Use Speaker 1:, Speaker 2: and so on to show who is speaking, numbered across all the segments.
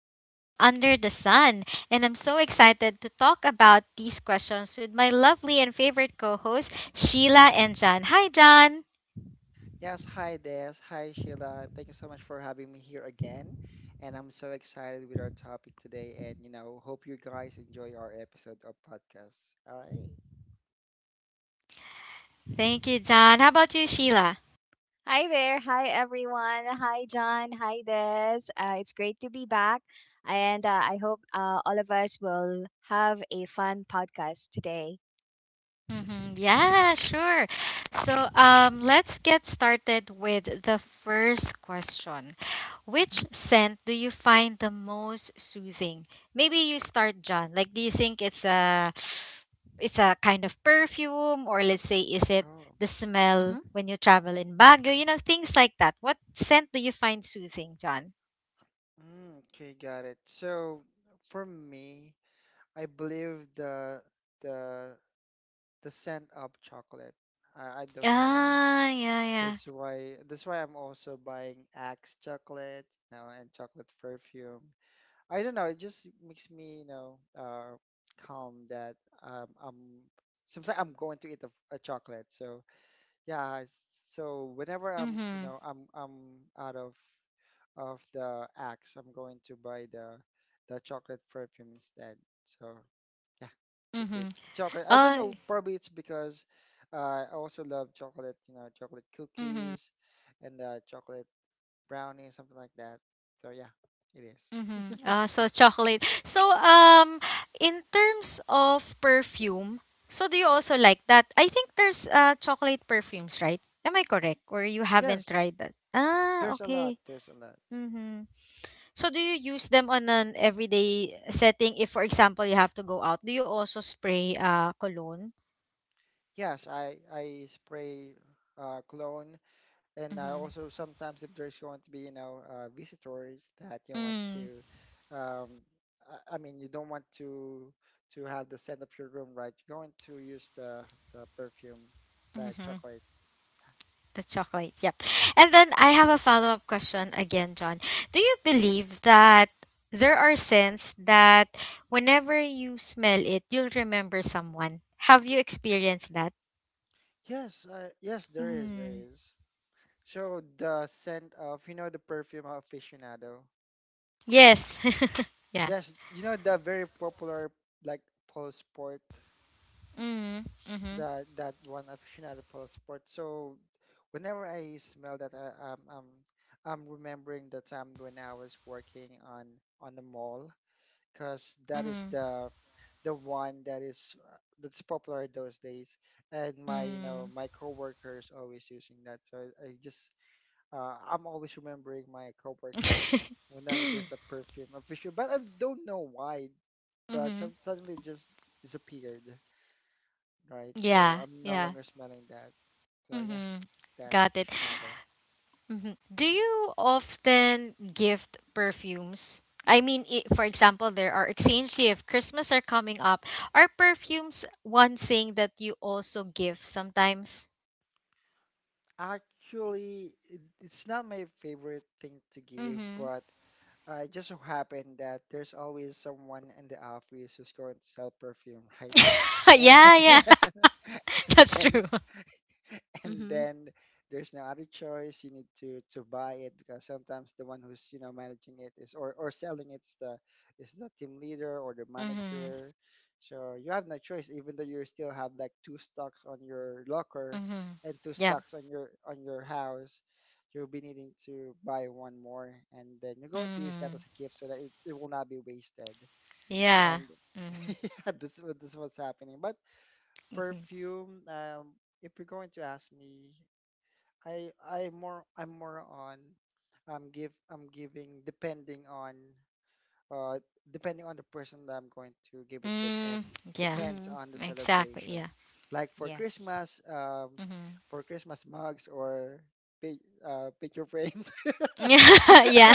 Speaker 1: Anything Under the Sun. And I'm so excited to talk about these questions with my lovely and favorite co hosts, Sheila and John. Hi, John.
Speaker 2: Yes, hi Des. Hi Sheila. Thank you so much for having me here again. And I'm so excited with our topic today. And, you know, hope you guys enjoy our episode of podcast. All right.
Speaker 1: Thank you, John. How about you, Sheila?
Speaker 3: Hi there. Hi, everyone. Hi, John. Hi, Des. It's great to be back. And I hope all of us will have a fun podcast today.
Speaker 1: Mm-hmm. Yeah, sure. So, let's get started with the first question.
Speaker 3: Mm-hmm.
Speaker 1: Which scent do you find the most soothing? Maybe you start, John. Like, do you think it's a kind of perfume, or let's say, is it
Speaker 2: Oh.
Speaker 1: the
Speaker 3: Mm-hmm.
Speaker 1: smell when you travel in Baguio? Things like that. What scent do you find soothing, John?
Speaker 2: Okay, got it. So for me, I believe the the scent of chocolate. I don't know why.
Speaker 1: Ah, yeah, yeah.
Speaker 2: That's why I'm also buying Axe chocolate, you know, and chocolate perfume. I don't know. It just makes me, you know, calm that I'm. Seems like I'm going to eat a chocolate. So yeah. So whenever I'm, you
Speaker 1: Mm-hmm.
Speaker 2: know, I'm out of the axe, I'm going to buy the chocolate perfume instead. So yeah, that's it.
Speaker 1: Mm-hmm.
Speaker 2: The chocolate. I don't
Speaker 1: Oh,
Speaker 2: know. Probably it's because I also love chocolate. You know, chocolate
Speaker 1: mm-hmm.
Speaker 2: cookies and chocolate brownies, something like that. So yeah, it is.
Speaker 1: Mm-hmm. So chocolate. So in terms of perfume, so do you also like that? I think there's chocolate perfumes, right? Am I correct? Or you haven't
Speaker 2: Yes.
Speaker 1: tried that? Ah,
Speaker 2: There's a lot.
Speaker 1: okay.
Speaker 2: There's a lot.
Speaker 1: Mm-hmm. So do you use them on an everyday setting if for example you have to go out? Do you also spray cologne?
Speaker 2: Yes, I spray cologne, and I
Speaker 1: Mm-hmm.
Speaker 2: also sometimes if there's going to be, you know, visitors that you want
Speaker 1: Mm.
Speaker 2: to, um, I mean you don't want to have the scent of your room, right? You're going to use the perfume like chocolate.
Speaker 1: The chocolate. Yep. And then I have a follow up question again, John. Do you believe that there are scents that whenever you smell it, you'll remember someone? Have you experienced that?
Speaker 2: Yes, yes, there is, there
Speaker 1: Mm.
Speaker 2: is. So the scent of, you know, the perfume aficionado.
Speaker 1: Yes. yeah.
Speaker 2: Yes, you know the very popular like pole sport.
Speaker 1: Mm. Mhm.
Speaker 2: That one aficionado plus sport. So whenever I smell that, I, I'm remembering the time when I was working on the mall, because that is
Speaker 1: Mhm.
Speaker 2: the one that is that's popular those days, and my, you know,
Speaker 1: Mm.
Speaker 2: my coworkers always using that. So I just I'm always remembering my coworkers whenever there's a perfume official, but I don't know why, but
Speaker 1: mhm.
Speaker 2: suddenly it just disappeared, right? So
Speaker 1: Yeah.
Speaker 2: I'm no
Speaker 1: Yeah.
Speaker 2: longer smelling that. So yeah,
Speaker 1: Mhm.
Speaker 2: that's
Speaker 1: Got it.
Speaker 2: aficionado.
Speaker 1: Mhm. Do you often gift perfumes? I mean, for example, there are exchange gift, Christmas are coming up. Are perfumes one thing that you also give sometimes?
Speaker 2: Actually, it's not my favorite thing to give,
Speaker 1: Mhm.
Speaker 2: but it just so happened that there's always someone in the office who's going to sell perfume, right? And
Speaker 1: yeah, yeah. That's
Speaker 2: and
Speaker 1: true.
Speaker 2: then and
Speaker 3: Mm-hmm.
Speaker 2: then there's no other choice, you need to buy it because sometimes the one who's, you know, managing it is or selling it is the team leader or the
Speaker 1: Mhm.
Speaker 2: manager, so you have no choice even though you still have like two stocks on your locker
Speaker 1: Mhm.
Speaker 2: and two
Speaker 1: Yeah.
Speaker 2: stocks on your house. You'll be needing to buy one more and then you're going to use that as
Speaker 1: Mhm.
Speaker 2: a gift so that it will not be wasted.
Speaker 1: Yeah.
Speaker 2: And
Speaker 1: Mhm.
Speaker 2: yeah, this is what's happening. But
Speaker 1: Mhm.
Speaker 2: perfume, um, if you're going to ask me, I more I'm more on I'm give I'm giving depending on uh depending on the person that I'm going to give it with, and
Speaker 1: Mm, yeah.
Speaker 2: depends
Speaker 3: Mm-hmm.
Speaker 2: on the
Speaker 1: Exactly.
Speaker 2: celebration.
Speaker 1: Yeah.
Speaker 2: Like for
Speaker 3: Yes.
Speaker 2: Christmas, um,
Speaker 1: Mhm.
Speaker 2: for Christmas mugs or picture frames
Speaker 1: yeah.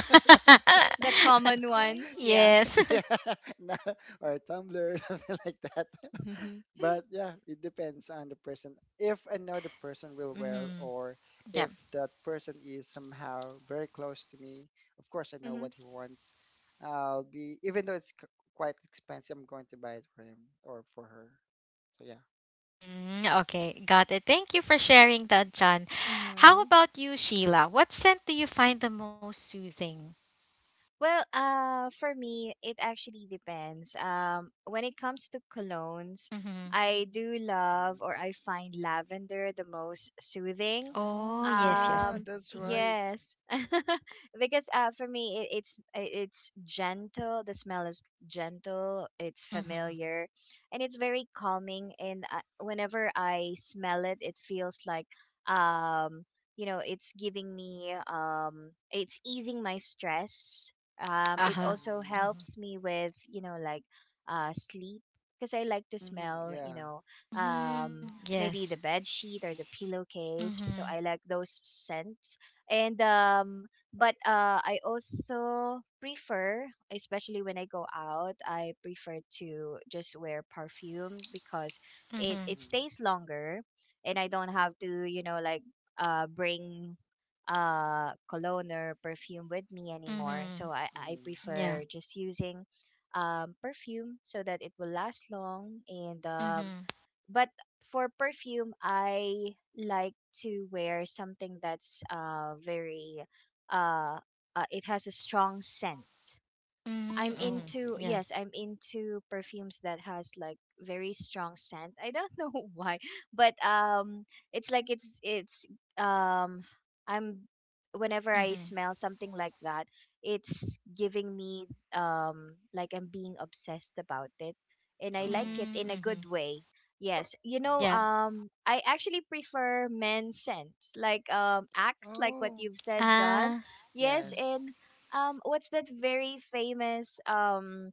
Speaker 3: The common ones. Yeah.
Speaker 1: yes.
Speaker 2: yeah no, or Tumblr something like that.
Speaker 3: Mm-hmm.
Speaker 2: But yeah, it depends on the person. If I know the person real well,
Speaker 1: Mhm.
Speaker 2: or
Speaker 1: Yeah.
Speaker 2: if that person is somehow very close to me, of course I know
Speaker 3: Mm-hmm.
Speaker 2: what he wants. I'll be, even though quite expensive, I'm going to buy it for him or for her. So yeah.
Speaker 1: Mm, okay, got it. Thank you for sharing that, John. How
Speaker 3: Mm-hmm.
Speaker 1: about you, Sheila? What scent do you find the most soothing?
Speaker 3: Well, for me, it actually depends. When it comes to colognes,
Speaker 1: Mm-hmm.
Speaker 3: I do love
Speaker 2: Hmm.
Speaker 3: or I find lavender the most soothing.
Speaker 2: Oh
Speaker 1: Oh, yes, yes.
Speaker 2: yeah,
Speaker 3: Um,
Speaker 1: Mm-hmm.
Speaker 2: that's right.
Speaker 3: yes, because for me, it's gentle. The smell is gentle. It's
Speaker 1: Mm-hmm.
Speaker 3: familiar, and it's very calming. And whenever I smell it, it feels like, um, it's giving me, it's easing my stress. It
Speaker 1: Uh-huh.
Speaker 3: also
Speaker 2: Mm.
Speaker 1: Mm-hmm.
Speaker 3: helps me with, sleep, because I like to
Speaker 2: Hmm.
Speaker 3: smell,
Speaker 2: Yeah.
Speaker 1: Mm-hmm.
Speaker 3: um
Speaker 1: Yes.
Speaker 3: maybe the bed sheet or the pillowcase,
Speaker 1: Mm-hmm.
Speaker 3: so I like those scents. And but I also prefer, especially when I go out, I prefer to just wear perfume because
Speaker 1: Mm-hmm.
Speaker 3: it
Speaker 2: Mm-hmm.
Speaker 3: stays longer, and I don't have to, bring cologne or perfume with me anymore,
Speaker 1: Mm-hmm.
Speaker 3: so I
Speaker 2: Hmm.
Speaker 1: Yeah.
Speaker 3: prefer just using perfume so that it will last long. And
Speaker 1: Mm-hmm.
Speaker 3: but for perfume, I like to wear something that's very uh, it has a strong scent.
Speaker 1: Mm-hmm.
Speaker 3: I'm
Speaker 1: Mm-hmm.
Speaker 2: Oh,
Speaker 3: into
Speaker 2: okay.
Speaker 1: Yeah.
Speaker 3: Yes, I'm into perfumes that has like very strong scent. I don't know why, but it's like it's um I'm whenever I
Speaker 1: Mm-hmm.
Speaker 3: smell something like that, it's giving me, like, I'm being obsessed about it, and I
Speaker 2: Oh.
Speaker 3: like it in
Speaker 1: Mm-hmm.
Speaker 3: a good
Speaker 1: Mm-hmm.
Speaker 3: way. Yes,
Speaker 1: Yeah.
Speaker 2: Hmm.
Speaker 3: I actually prefer men's scents like Axe, like what
Speaker 2: Oh.
Speaker 3: you've said, John.
Speaker 1: Ah.
Speaker 3: Yes,
Speaker 2: Yes.
Speaker 3: and what's that very famous um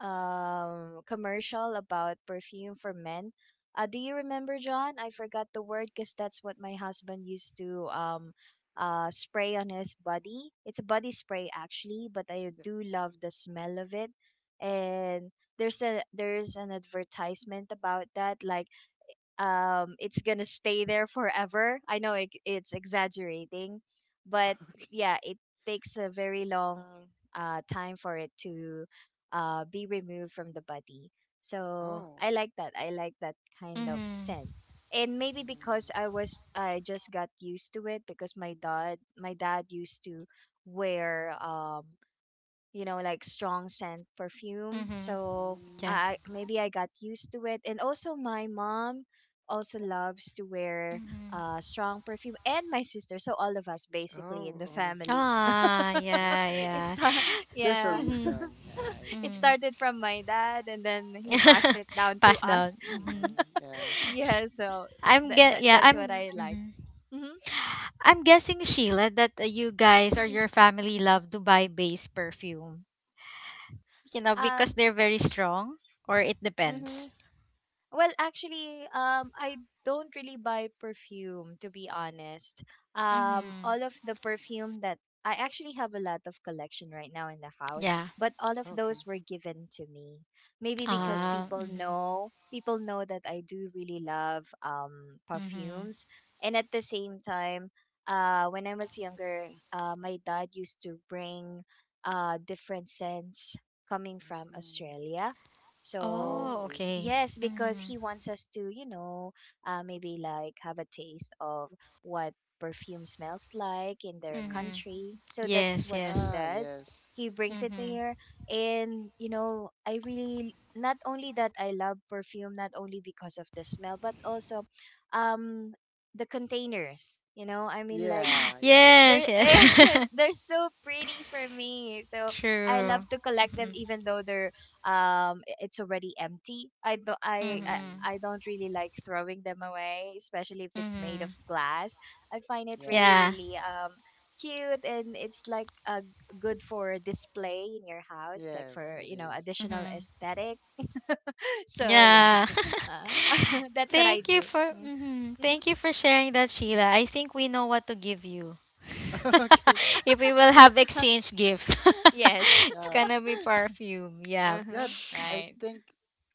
Speaker 3: um commercial about perfume for men? Do you remember, John? I forgot the word because that's what my husband used to spray on his body. It's a body spray actually, but I
Speaker 2: Yeah.
Speaker 3: do love the smell of it. And there's an advertisement about that, it's gonna stay there forever. I know it's exaggerating, but yeah, it takes a very long time for it to be removed from the body, so
Speaker 2: Oh.
Speaker 3: I like that kind of
Speaker 1: Mm-hmm.
Speaker 3: scent. And maybe because
Speaker 2: Mm.
Speaker 3: I just got used to it, because my dad used to wear, you know, like strong scent perfume.
Speaker 1: Mm-hmm.
Speaker 3: So
Speaker 1: Yeah.
Speaker 3: I
Speaker 2: Mm.
Speaker 3: maybe I got used to it. And also my mom also loves to wear
Speaker 1: Mm-hmm.
Speaker 3: strong perfume, and my sister. So all of us basically in
Speaker 2: Oh,
Speaker 3: the
Speaker 2: all of
Speaker 3: family.
Speaker 2: you.
Speaker 1: Ah, yeah,
Speaker 2: That's
Speaker 1: yeah.
Speaker 3: it's
Speaker 2: nice.
Speaker 3: ta-
Speaker 2: There's a
Speaker 3: yeah.
Speaker 1: Mm-hmm.
Speaker 2: reason. Yeah, I
Speaker 3: It
Speaker 1: Mm-hmm.
Speaker 2: see.
Speaker 3: started from my dad, and then he passed it down to
Speaker 1: Pass down.
Speaker 3: us.
Speaker 1: Mm-hmm.
Speaker 2: Mm-hmm. Yeah.
Speaker 3: Yeah, so
Speaker 1: I'm
Speaker 3: that,
Speaker 1: get
Speaker 3: that
Speaker 1: Yeah,
Speaker 3: that's what
Speaker 1: I'm
Speaker 3: I like.
Speaker 1: mhm.
Speaker 3: Mhm.
Speaker 1: I'm guessing Sheila that you guys
Speaker 3: Mhm.
Speaker 1: or your family love to buy base perfume. You know,
Speaker 3: Um
Speaker 1: because they're very strong or it
Speaker 3: mhm.
Speaker 1: depends.
Speaker 3: Well, actually, I don't really buy perfume, to be honest. All
Speaker 1: Mm-hmm.
Speaker 3: of the perfume that I actually have a lot of collection right now in the house,
Speaker 1: Yeah.
Speaker 3: but all of those
Speaker 2: Okay.
Speaker 3: were given to me. Maybe because
Speaker 2: Oh.
Speaker 1: Ah,
Speaker 3: people
Speaker 1: mm-hmm.
Speaker 3: know people know that I do really love
Speaker 1: Mm-hmm.
Speaker 3: perfumes, and at the same time, when I was younger, my dad used to bring different scents coming from
Speaker 2: Mm.
Speaker 3: Australia. So
Speaker 1: Oh,
Speaker 2: Oh, I
Speaker 1: okay.
Speaker 2: see.
Speaker 3: yes, because he
Speaker 1: Mm-hmm.
Speaker 3: wants us to, maybe like have a taste of what perfume smells like in their
Speaker 2: Mm-hmm.
Speaker 1: Mm-hmm.
Speaker 3: country. So that's
Speaker 1: Yes,
Speaker 3: what he
Speaker 1: yes.
Speaker 2: Yeah,
Speaker 3: does.
Speaker 2: yes.
Speaker 3: He brings it
Speaker 1: Mm-hmm.
Speaker 3: here. And, I really, not only that I love perfume, not only because of the smell, but also, um, the containers, I mean, like,
Speaker 2: Yeah, yeah.
Speaker 1: Yes,
Speaker 3: they're,
Speaker 1: yes.
Speaker 2: Yes.
Speaker 3: they're so pretty for me. So I
Speaker 1: True.
Speaker 3: love to collect them
Speaker 1: Mhm.
Speaker 3: even though they're, it's already empty. i do I, I
Speaker 2: Mm-hmm.
Speaker 1: Mhm.
Speaker 3: i don't really like throwing them away, especially if it's made of
Speaker 1: Mhm.
Speaker 3: glass. I find it
Speaker 2: Yeah.
Speaker 3: really
Speaker 1: Yeah.
Speaker 3: really cute, and it's like, good for display in your house, like for,
Speaker 2: Yes, it is.
Speaker 3: additional
Speaker 1: Mhm.
Speaker 3: aesthetic. So yeah.
Speaker 1: Yeah.
Speaker 3: uh, that's what I
Speaker 1: Thank you
Speaker 3: do.
Speaker 1: for
Speaker 3: Mm,
Speaker 1: mhm. Thank you for sharing that, Sheila. I think we know what to give you.
Speaker 2: Okay.
Speaker 1: if we will have
Speaker 3: mm-hmm.
Speaker 1: exchange gifts.
Speaker 3: Yes.
Speaker 1: It's
Speaker 2: Yeah.
Speaker 1: gonna be perfume. Yeah.
Speaker 2: Yeah,
Speaker 3: Uh-huh.
Speaker 2: I
Speaker 3: Right.
Speaker 2: think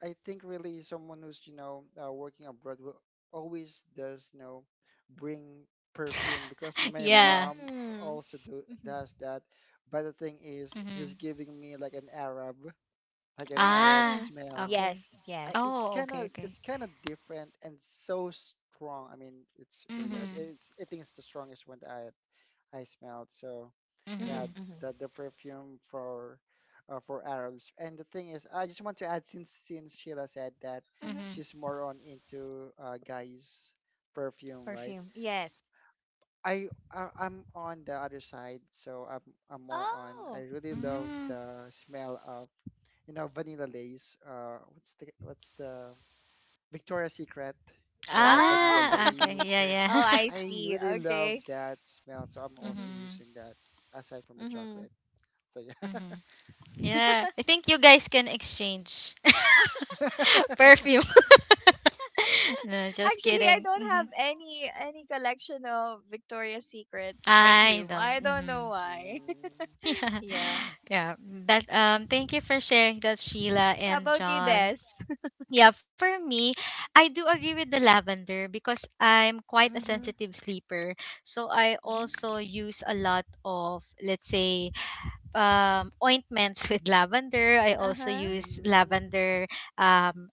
Speaker 2: I think really someone who's, you know, working abroad will always does, you know, bring perfume because my
Speaker 1: yeah.
Speaker 2: mom
Speaker 3: Mm.
Speaker 2: also do
Speaker 3: Mm-hmm.
Speaker 2: does that. But the thing is, he's
Speaker 1: Mhm.
Speaker 2: giving me like an Arab
Speaker 3: Mm.
Speaker 1: Ah,
Speaker 2: smell.
Speaker 1: okay.
Speaker 3: Yes,
Speaker 2: I,
Speaker 3: yes.
Speaker 2: it's
Speaker 1: Oh,
Speaker 2: kind
Speaker 1: okay,
Speaker 2: of
Speaker 1: okay.
Speaker 2: it's kind of different and so strong. I mean, it's really
Speaker 3: Mm-hmm.
Speaker 2: I-
Speaker 1: Mhm.
Speaker 2: it's I think it's the strongest one that I smelled. So yeah,
Speaker 3: Mhm,
Speaker 1: Mhm.
Speaker 3: mhm,
Speaker 2: the perfume for Arabs. And the thing is, I just want to add, since Sheila said that
Speaker 3: mhm.
Speaker 1: Mhm.
Speaker 2: she's more on into guys perfume, right?
Speaker 3: Perfume. Yes.
Speaker 2: I, I'm on the other side, so I'm more on.
Speaker 3: Oh.
Speaker 2: I really love
Speaker 1: Mm.
Speaker 2: the smell of, you know, vanilla lace. What's the Victoria's Secret, the
Speaker 3: Oh.
Speaker 2: vanilla
Speaker 1: Ah, okay.
Speaker 2: lace.
Speaker 3: Oh,
Speaker 1: Yeah,
Speaker 2: So
Speaker 1: yeah.
Speaker 3: I
Speaker 2: I
Speaker 3: see.
Speaker 2: really love
Speaker 3: Okay.
Speaker 2: that smell. So I'm
Speaker 3: Mhm.
Speaker 2: also using
Speaker 1: mm-hmm.
Speaker 2: that aside from the
Speaker 3: Mhm.
Speaker 2: chocolate. So yeah.
Speaker 1: Mm-hmm. Yeah. I think you guys can exchange perfume. No, just
Speaker 3: Actually, I
Speaker 1: kidding.
Speaker 3: don't have any collection of Victoria's Secrets
Speaker 1: I
Speaker 3: perfume.
Speaker 1: don't.
Speaker 3: I don't know
Speaker 1: Hmm.
Speaker 3: why.
Speaker 2: Mm.
Speaker 1: Yeah.
Speaker 3: Yeah.
Speaker 1: Yeah. That Thank you for sharing that, Sheila
Speaker 3: How
Speaker 1: and
Speaker 3: about you,
Speaker 1: John.
Speaker 3: Des?
Speaker 1: Yeah, for me, I do agree with the lavender because I'm quite a
Speaker 3: Mhm.
Speaker 1: sensitive sleeper. So I
Speaker 3: Mhm.
Speaker 1: also use a lot of, let's say, ointments with lavender. I also
Speaker 3: Uh-huh.
Speaker 1: use
Speaker 2: Mm.
Speaker 1: lavender um,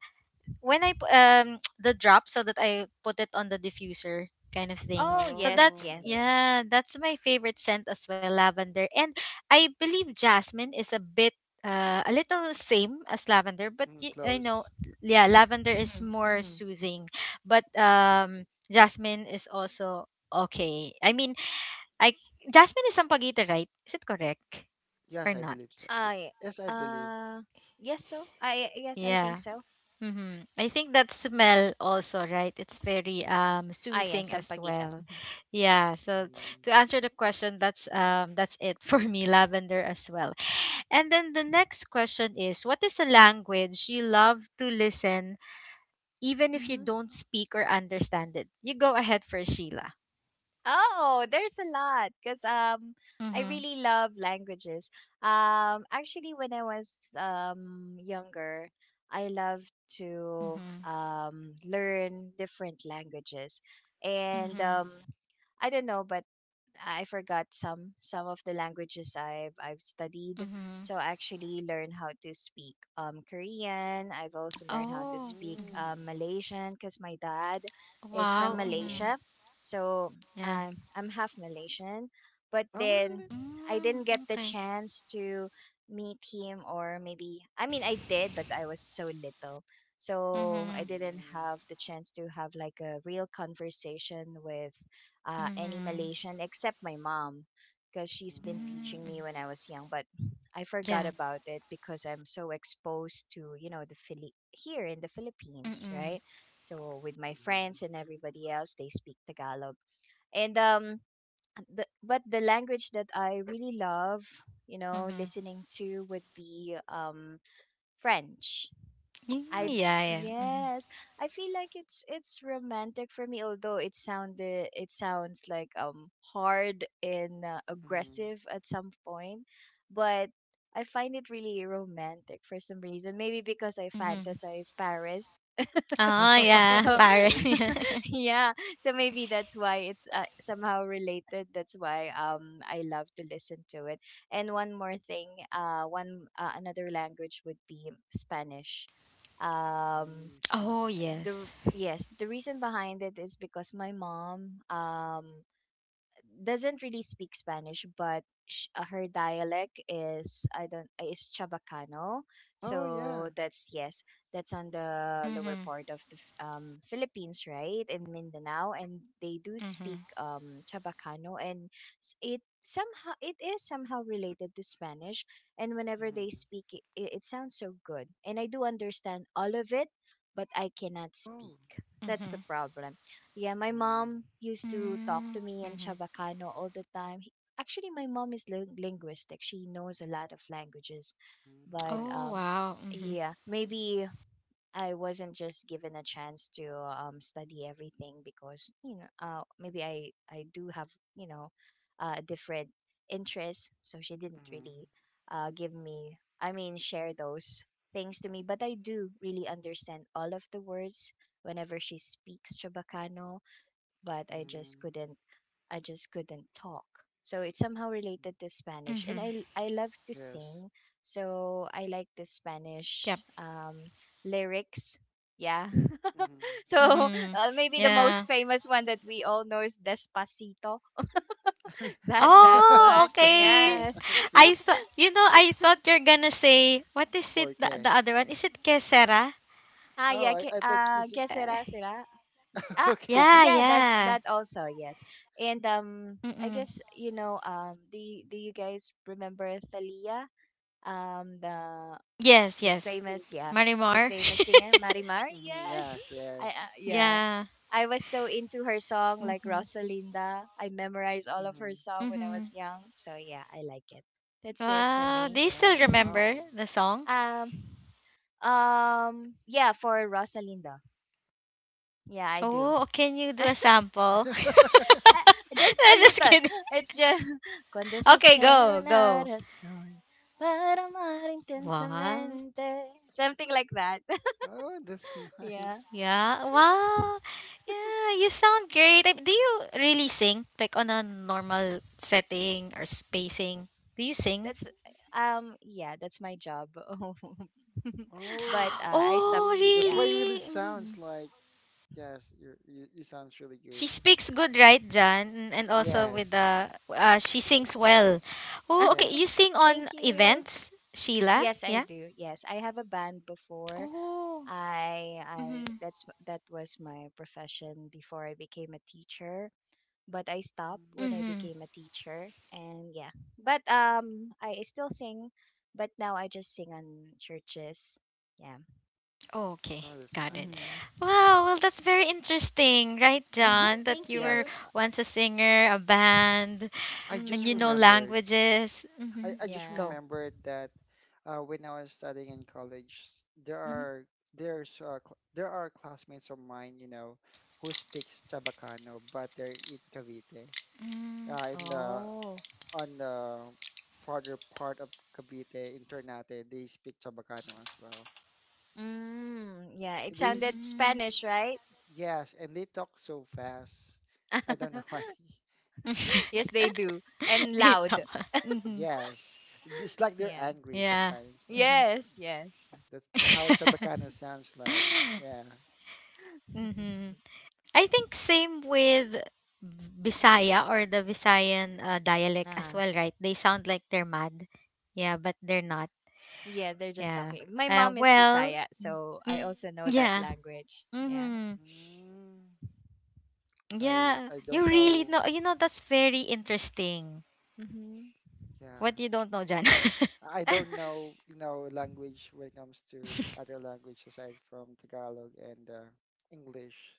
Speaker 1: when the drop so that I put it on the diffuser kind of thing.
Speaker 3: Oh,
Speaker 1: So
Speaker 3: yes,
Speaker 1: that's,
Speaker 2: Oh,
Speaker 3: yes.
Speaker 2: yes.
Speaker 1: yeah, that's my favorite scent as well, lavender. And I believe jasmine is a bit a little same as lavender, but
Speaker 2: Mm,
Speaker 1: I know,
Speaker 2: close.
Speaker 1: yeah, lavender is
Speaker 3: Mhm.
Speaker 1: more
Speaker 3: Mhm.
Speaker 1: soothing, but jasmine is also okay. I mean, I jasmine is sampaguita, right? Is it correct or
Speaker 2: Yes, I
Speaker 1: not?
Speaker 2: believe so.
Speaker 3: I
Speaker 2: Yes, I believe.
Speaker 3: uh yes. So, I yes, I think
Speaker 1: Yeah.
Speaker 3: so.
Speaker 1: I think that smell also, right? It's very
Speaker 3: Ah, yeah,
Speaker 1: soothing as
Speaker 3: Sampaguita.
Speaker 1: well. Yeah. So
Speaker 2: Mm.
Speaker 1: to answer the question, that's it for me, lavender as well. And then the next question is, what is a language you love to listen, even if you
Speaker 3: Mhm.
Speaker 1: don't speak or understand it? You go ahead for Sheila.
Speaker 3: Oh, there's a lot because I
Speaker 1: Mm-hmm.
Speaker 3: really love languages. Actually, when I was younger, I loved to
Speaker 1: Mm-hmm.
Speaker 3: learn different languages. And
Speaker 1: Mm-hmm.
Speaker 2: Mm.
Speaker 3: I don't know, but I forgot some of the languages I've studied.
Speaker 1: Mm-hmm.
Speaker 3: So I actually learned how to speak Korean. I've also learned how to
Speaker 1: Oh.
Speaker 3: speak
Speaker 2: Mm.
Speaker 1: Mm-hmm.
Speaker 3: Malaysian because my dad is from
Speaker 1: Wow.
Speaker 2: Oh.
Speaker 1: Mm-hmm.
Speaker 3: Malaysia. So
Speaker 1: Yeah.
Speaker 3: I'm half Malaysian, but
Speaker 2: Oh,
Speaker 3: then
Speaker 2: really?
Speaker 3: I
Speaker 1: Mm,
Speaker 3: didn't get the
Speaker 1: okay.
Speaker 3: chance to meet him. Or maybe, I mean, I did, but I was so little. So I
Speaker 1: Mm-hmm.
Speaker 3: didn't
Speaker 2: Mm.
Speaker 3: have the chance to have like a real conversation with any
Speaker 1: Mm-hmm.
Speaker 3: Malaysian except my mom, because she's
Speaker 2: Mm.
Speaker 3: been
Speaker 2: Mm.
Speaker 3: teaching
Speaker 1: Mm,
Speaker 3: me when I was young. But I forgot
Speaker 1: yeah.
Speaker 3: about it because I'm so exposed to, you know, the Philip here in the Philippines,
Speaker 1: Mm-mm.
Speaker 3: right? So with my friends and everybody else, they speak Tagalog. And but the language that I really love
Speaker 1: Mm-hmm.
Speaker 3: listening to would be French.
Speaker 1: Mm,
Speaker 3: I
Speaker 1: yeah,
Speaker 2: French.
Speaker 1: yeah. Mm-hmm.
Speaker 3: Yes, I feel like it's romantic for me. Although it sounds like hard and,
Speaker 2: Mm.
Speaker 3: aggressive at some point, but I find it really romantic for some reason. Maybe because I
Speaker 1: Mm-hmm.
Speaker 3: fantasize Paris.
Speaker 1: Oh, yeah.
Speaker 3: So
Speaker 1: Paris.
Speaker 2: Okay.
Speaker 1: Yeah.
Speaker 3: yeah, so maybe that's why it's, somehow related. That's why I love to listen to it. And one more thing, one another language would be Spanish. Um
Speaker 2: Mm,
Speaker 1: Oh, yes.
Speaker 2: Spanish.
Speaker 3: the Yes, the reason behind it is because my mom, doesn't really speak Spanish, but her dialect is, I don't, is Chabacano.
Speaker 2: Oh, yeah.
Speaker 3: So, that's yes, that's on the lower
Speaker 1: Mm-hmm.
Speaker 3: part of the Philippines, right, in Mindanao, and they do speak
Speaker 1: Mm-hmm.
Speaker 3: Chabacano. And it is somehow related to Spanish. And whenever they
Speaker 2: Mm.
Speaker 3: speak, it sounds so good, and I do understand all of it, but I cannot
Speaker 2: Oh.
Speaker 3: speak. That's the
Speaker 1: Mm-hmm.
Speaker 3: problem. Yeah, my
Speaker 2: Mm.
Speaker 3: mom used to talk to me in
Speaker 1: Mm-hmm.
Speaker 3: Chabacano all the time. Actually, my mom is linguistic. She knows a lot of languages.
Speaker 2: Mm.
Speaker 3: But
Speaker 1: Oh, wow.
Speaker 2: Nice.
Speaker 1: Mm-hmm.
Speaker 3: yeah, maybe I wasn't just given a chance to study everything because, maybe I do have, you know, different interests, so she didn't
Speaker 2: Mm.
Speaker 3: really give me I mean, share those things to me, but I do really understand all of the words whenever she speaks Chabacano. But
Speaker 2: Mm.
Speaker 3: I just couldn't talk. So it's somehow related to Spanish, and
Speaker 1: Mm-hmm.
Speaker 3: I love to
Speaker 2: Yes.
Speaker 3: sing, so I like the
Speaker 1: Yep.
Speaker 3: Spanish lyrics. Yeah.
Speaker 2: Mhm.
Speaker 3: So,
Speaker 1: Mm-hmm.
Speaker 3: maybe the
Speaker 1: Yeah.
Speaker 3: most famous one that we all know is Despacito. That
Speaker 1: Oh,
Speaker 3: one.
Speaker 1: okay.
Speaker 2: Despacito.
Speaker 3: Yes.
Speaker 2: Okay.
Speaker 1: I thought, you know, I thought you're gonna say, what is it, the
Speaker 2: 4K.
Speaker 1: other one? Is it Kesera?
Speaker 3: Ah,
Speaker 2: Oh,
Speaker 3: yeah. Que,
Speaker 2: I thought
Speaker 3: uh,
Speaker 2: this.
Speaker 3: que
Speaker 1: Uh,
Speaker 3: será, será? Ah,
Speaker 2: Okay.
Speaker 1: yeah,
Speaker 3: yeah, that
Speaker 1: yeah.
Speaker 3: that also, yes. And I
Speaker 1: Mm-mm.
Speaker 3: guess, do you guys remember Thalia? Um the
Speaker 1: Yes,
Speaker 3: the
Speaker 1: yes.
Speaker 3: famous, yeah, the
Speaker 1: Marimar.
Speaker 3: famous singer Marimar?
Speaker 2: Hmm.
Speaker 3: Yes.
Speaker 2: Yes,
Speaker 3: I
Speaker 2: yes.
Speaker 3: Yeah.
Speaker 1: yeah.
Speaker 3: I was so into her song like
Speaker 1: Mhm.
Speaker 3: Rosalinda. I memorized all of her
Speaker 2: Hmm.
Speaker 3: song when I was
Speaker 1: Mhm.
Speaker 3: young. So yeah, I like it. That's it for
Speaker 1: Wow. Do
Speaker 3: me.
Speaker 1: you
Speaker 2: Yeah,
Speaker 1: still remember
Speaker 2: wow.
Speaker 1: the song?
Speaker 3: um yeah, for Rosalinda. Yeah, I do.
Speaker 1: Oh, can you do a sample?
Speaker 3: Ah, just a
Speaker 1: I'm just
Speaker 3: little.
Speaker 1: kidding.
Speaker 3: It's just cuando se
Speaker 1: Okay,
Speaker 3: eche
Speaker 1: go,
Speaker 3: una
Speaker 1: go.
Speaker 3: razón para amar
Speaker 1: Wow.
Speaker 3: intensamente. Something like that.
Speaker 2: Oh, that's
Speaker 3: Yeah.
Speaker 2: nice.
Speaker 1: Yeah. Wow. Yeah, you sound great. Do you really sing like on a normal setting or spacing? Do you sing?
Speaker 3: That's Yeah, that's my job. But
Speaker 2: Oh, I
Speaker 3: I stopped.
Speaker 1: Oh,
Speaker 2: see. That's
Speaker 3: Yeah.
Speaker 2: why it really
Speaker 1: really? Mm-hmm.
Speaker 2: sounds
Speaker 3: Mm.
Speaker 2: like, yes, you sounds really good.
Speaker 1: She speaks good, right, Jan? And also with
Speaker 2: Yes,
Speaker 1: the she sings well. Oh, okay. You
Speaker 2: yes.
Speaker 1: sing on
Speaker 3: Thank you.
Speaker 1: events, Sheila?
Speaker 3: Yes, I
Speaker 1: Yeah.
Speaker 3: do. Yes, I have a band before.
Speaker 1: Oh. Mhm.
Speaker 3: I that's That was my profession before I became a teacher, but I stopped when I
Speaker 2: Mm.
Speaker 1: Mhm.
Speaker 3: became a teacher. And yeah, but I still sing, but now I just sing on churches. Yeah.
Speaker 1: Oh, okay.
Speaker 2: Oh, that's
Speaker 1: Got it.
Speaker 2: nice.
Speaker 3: Mm-hmm.
Speaker 1: Wow. Well, that's very interesting, right, John? That
Speaker 3: Thank
Speaker 1: you were
Speaker 2: Yes,
Speaker 3: you.
Speaker 1: once a singer, a band,
Speaker 2: I just
Speaker 1: and you know
Speaker 3: Mm,
Speaker 2: remembered.
Speaker 1: languages.
Speaker 2: I,
Speaker 1: Mhm.
Speaker 2: I just
Speaker 3: yeah.
Speaker 1: Go.
Speaker 2: remembered that when I was studying in college, there
Speaker 3: Hmm.
Speaker 2: are there are classmates of mine, you know, who speaks Chabacano, but they're in Cavite,
Speaker 1: Mm,
Speaker 2: in the
Speaker 3: Oh.
Speaker 2: on the farther part of Cavite, in Ternate, they speak Chabacano as well.
Speaker 3: Mm, yeah. It
Speaker 2: They
Speaker 3: sounded
Speaker 1: Mhm.
Speaker 3: Spanish, right?
Speaker 2: Yes, and they talk so fast. I don't know why. Yeah,
Speaker 3: Yes, they do, and
Speaker 1: Ay,
Speaker 3: loud.
Speaker 2: yes,
Speaker 1: tawa. Mhm.
Speaker 2: yes. It's like they're
Speaker 3: Yeah.
Speaker 2: angry
Speaker 1: Yeah.
Speaker 2: sometimes.
Speaker 1: Mhm.
Speaker 3: Yes. Yes.
Speaker 2: That's how Chabacano sounds like. Yeah.
Speaker 1: Mm-hmm. I think same with Bisaya or the Visayan dialect as
Speaker 3: Ah.
Speaker 1: well, right? They sound like they're mad. Yeah, but they're not.
Speaker 3: Yeah, they're just
Speaker 1: Yeah.
Speaker 3: talking. My mom is
Speaker 1: Well,
Speaker 3: Bisaya, so I
Speaker 1: yeah.
Speaker 3: also know that language.
Speaker 1: Mm-hmm.
Speaker 3: Yeah.
Speaker 2: Mm,
Speaker 1: Yeah. You
Speaker 2: I
Speaker 1: really
Speaker 2: don't
Speaker 1: know.
Speaker 2: know.
Speaker 1: That's very interesting.
Speaker 3: Mm-hmm.
Speaker 1: What you
Speaker 2: Yeah.
Speaker 1: don't know, John.
Speaker 2: I don't know, you know, language when it comes to other language aside from Tagalog and English.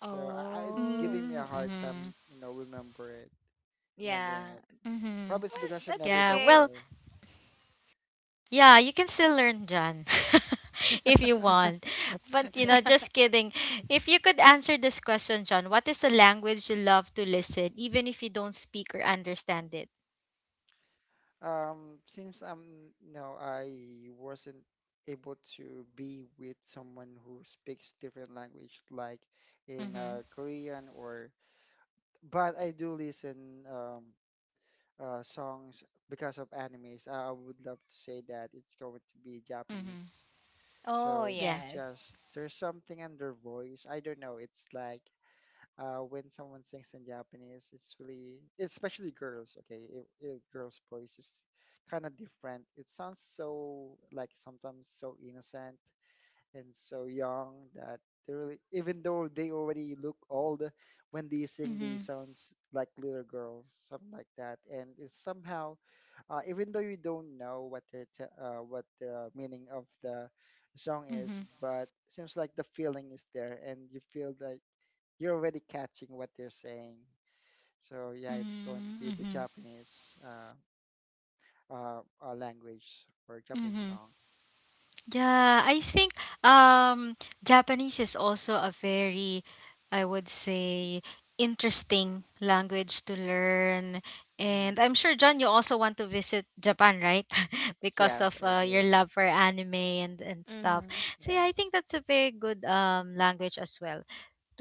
Speaker 2: So it's
Speaker 3: Oh,
Speaker 2: giving me a hard
Speaker 1: mm-hmm.
Speaker 2: time, you know,
Speaker 3: yeah.
Speaker 2: remembering it.
Speaker 1: Mm-hmm.
Speaker 2: Probably it's
Speaker 3: Well,
Speaker 2: because I've
Speaker 3: that's
Speaker 2: never
Speaker 1: Yeah.
Speaker 2: been
Speaker 1: Well,
Speaker 3: okay.
Speaker 2: there.
Speaker 1: yeah, you can still learn, John, if you want. But,
Speaker 2: Yeah.
Speaker 1: just kidding. If you could answer this question, John, what is a language you love to listen, even if you don't speak or understand it?
Speaker 2: Since I wasn't able to be with someone who speaks different language, like in
Speaker 1: Mm-hmm.
Speaker 2: Korean or. But I do listen songs because of animes. I would love to say that it's going to be Japanese.
Speaker 1: Mm-hmm.
Speaker 3: Oh,
Speaker 2: So it's
Speaker 1: Yeah.
Speaker 3: yes.
Speaker 2: just there's something in their voice. I don't know. It's like when someone sings in Japanese, it's really, especially girls, okay, if girls' voice is kind of different. It sounds so, like, sometimes so innocent and so young that they really, even though they already look old, when they sing, they
Speaker 1: Mm-hmm.
Speaker 2: sounds like little girls, something like that. And it's somehow, even though you don't know what what the meaning of the song
Speaker 1: Mm-hmm.
Speaker 2: is, but seems like the feeling is there, and you feel that you're already catching what they're saying. So yeah, it's going to
Speaker 1: Mm-hmm.
Speaker 2: be the
Speaker 1: Mm-hmm.
Speaker 2: Japanese language or Japanese
Speaker 1: Mm-hmm.
Speaker 2: song.
Speaker 1: Yeah, I think um Japanese is also a very, I would say, interesting language to learn. And
Speaker 2: Mm.
Speaker 1: I'm sure John you also want to visit Japan, right? because
Speaker 2: Yes,
Speaker 1: of
Speaker 2: I
Speaker 1: your
Speaker 2: do.
Speaker 1: love for anime and stuff.
Speaker 3: Mm-hmm.
Speaker 1: So yeah, I
Speaker 2: Yes.
Speaker 1: think that's a very good language as well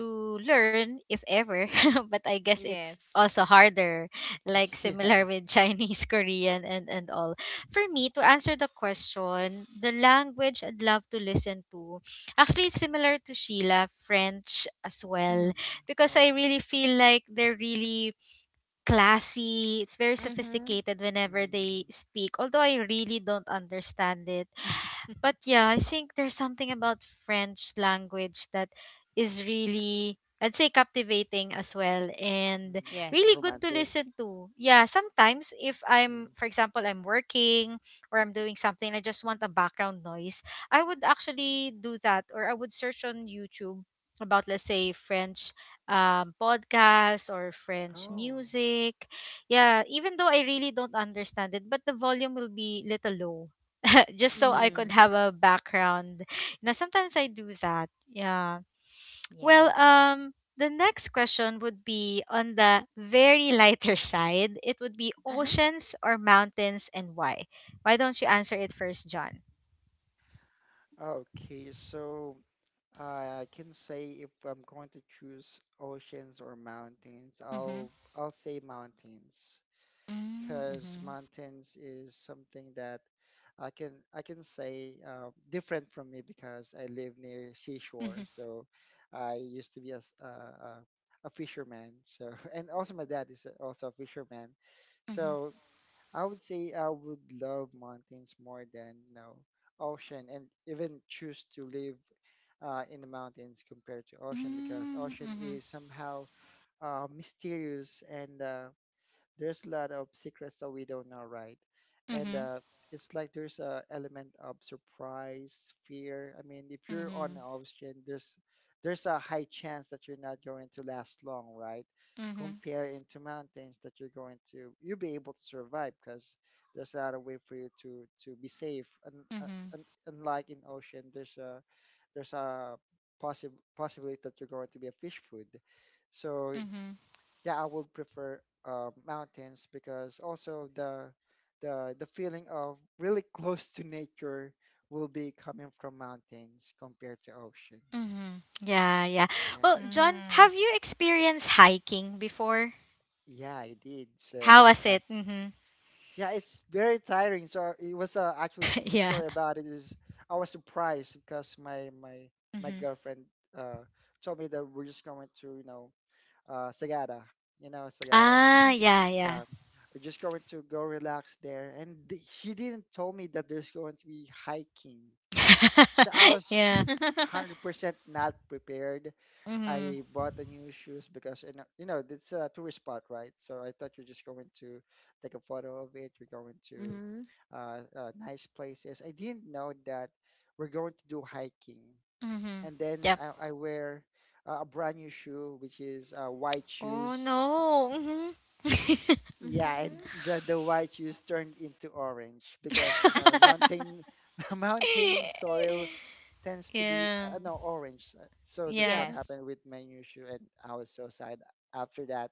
Speaker 1: to learn if ever, but I guess it's
Speaker 3: Yes.
Speaker 1: also harder, like
Speaker 2: Yeah.
Speaker 1: similar with Chinese, Korean, and all. For me to answer the question, the language I'd love to listen to, actually similar to Sheila, French as
Speaker 3: Mm-hmm.
Speaker 1: well,
Speaker 2: Mm,
Speaker 1: because I
Speaker 2: French.
Speaker 1: really feel like they're really classy. It's very
Speaker 3: Mm-hmm.
Speaker 1: sophisticated whenever
Speaker 2: Mm.
Speaker 1: they speak, although I really don't understand it. But yeah, I think there's something about French language that is really, I'd say, captivating as well and
Speaker 2: Mm.
Speaker 3: Yes.
Speaker 1: really good to
Speaker 2: Romantic.
Speaker 1: listen to. Yeah, sometimes if I'm,
Speaker 2: Mm.
Speaker 1: for example, I'm working or I'm doing something, I just want a background noise. I would actually do that, or I would search on YouTube about, let's say, French podcasts or French
Speaker 2: Oh,
Speaker 1: music. Yeah, even though I really don't understand it, but the volume will be little low just so I
Speaker 3: Mm.
Speaker 1: could
Speaker 2: mm,
Speaker 1: have a background. Now, sometimes I do that. Yeah. Well,
Speaker 3: Yes.
Speaker 2: nice.
Speaker 1: the next question would be on the very lighter side. It would be
Speaker 3: Uh-huh.
Speaker 1: oceans or mountains and why? Why don't you answer it first, John?
Speaker 2: Okay, so I can say if I'm going to choose oceans or mountains,
Speaker 1: Mm-hmm.
Speaker 2: I'll say mountains, because
Speaker 1: Mm-hmm.
Speaker 2: mountains is something that I can say different from me because I live near seashore.
Speaker 1: Mm-hmm.
Speaker 2: So I used to be a, s- a fisherman. So and also my dad is also a fisherman.
Speaker 1: Mm-hmm.
Speaker 2: So I would say I would love mountains more than, you know, ocean, and even choose to live in the mountains compared to ocean because ocean
Speaker 1: Mm-hmm.
Speaker 2: is somehow mysterious and there's a lot of secrets that we don't know, right? And
Speaker 1: Mm-hmm.
Speaker 2: it's like there's a element of surprise, fear. I mean, if you're on
Speaker 1: Mm-hmm.
Speaker 2: an ocean, there's a high chance that you're not going to last long, right?
Speaker 1: Mm-hmm.
Speaker 2: Compare into mountains that you'll be able to survive because there's a lot of way for you to be safe. Uh,
Speaker 1: Mm-hmm.
Speaker 2: and unlike in ocean, there's a possible possibility that you're going to be a fish food. So
Speaker 1: Mm-hmm.
Speaker 2: yeah, I would prefer mountains because also the feeling of really close to nature will be coming from mountains compared to ocean.
Speaker 1: Mm-hmm. Yeah, yeah. Well,
Speaker 2: Yes.
Speaker 1: John,
Speaker 3: Mm-hmm.
Speaker 1: have you experienced hiking before?
Speaker 2: Yeah, I did.
Speaker 1: How
Speaker 2: So
Speaker 1: was
Speaker 2: yeah,
Speaker 1: it? Mm-hmm.
Speaker 2: yeah, it's very tiring. So it was actually the
Speaker 1: yeah.
Speaker 2: story about it is I was surprised because my
Speaker 1: Mm-hmm.
Speaker 2: girlfriend uh told me that we're just going to, you know, uh, Sagada, you know Sagada.
Speaker 1: Ah, yeah, yeah.
Speaker 2: Yeah, we're just going to go relax there. And he didn't tell me that there's going to be hiking. So I was
Speaker 1: yeah.
Speaker 3: Mm-hmm.
Speaker 2: 100% not prepared.
Speaker 1: Mhm.
Speaker 2: I bought the new shoes because, you know, it's a tourist spot, right? So I thought you're just going to take a photo of it. We're going to
Speaker 3: Mm-hmm.
Speaker 2: nice places. I didn't know that we're going to do hiking.
Speaker 1: Mhm.
Speaker 2: And then
Speaker 1: Yep.
Speaker 2: I wear a brand new shoe, which is white
Speaker 1: Oh
Speaker 2: shoes.
Speaker 1: no. Mhm.
Speaker 2: Yeah, and
Speaker 3: Mm-hmm.
Speaker 2: the white juice turned into orange because you know mountain mountain soil tends to be
Speaker 1: yeah.
Speaker 2: no orange. So
Speaker 1: Yeah.
Speaker 2: that's what
Speaker 3: Yes.
Speaker 2: happened with my issue, and I was so sad after that.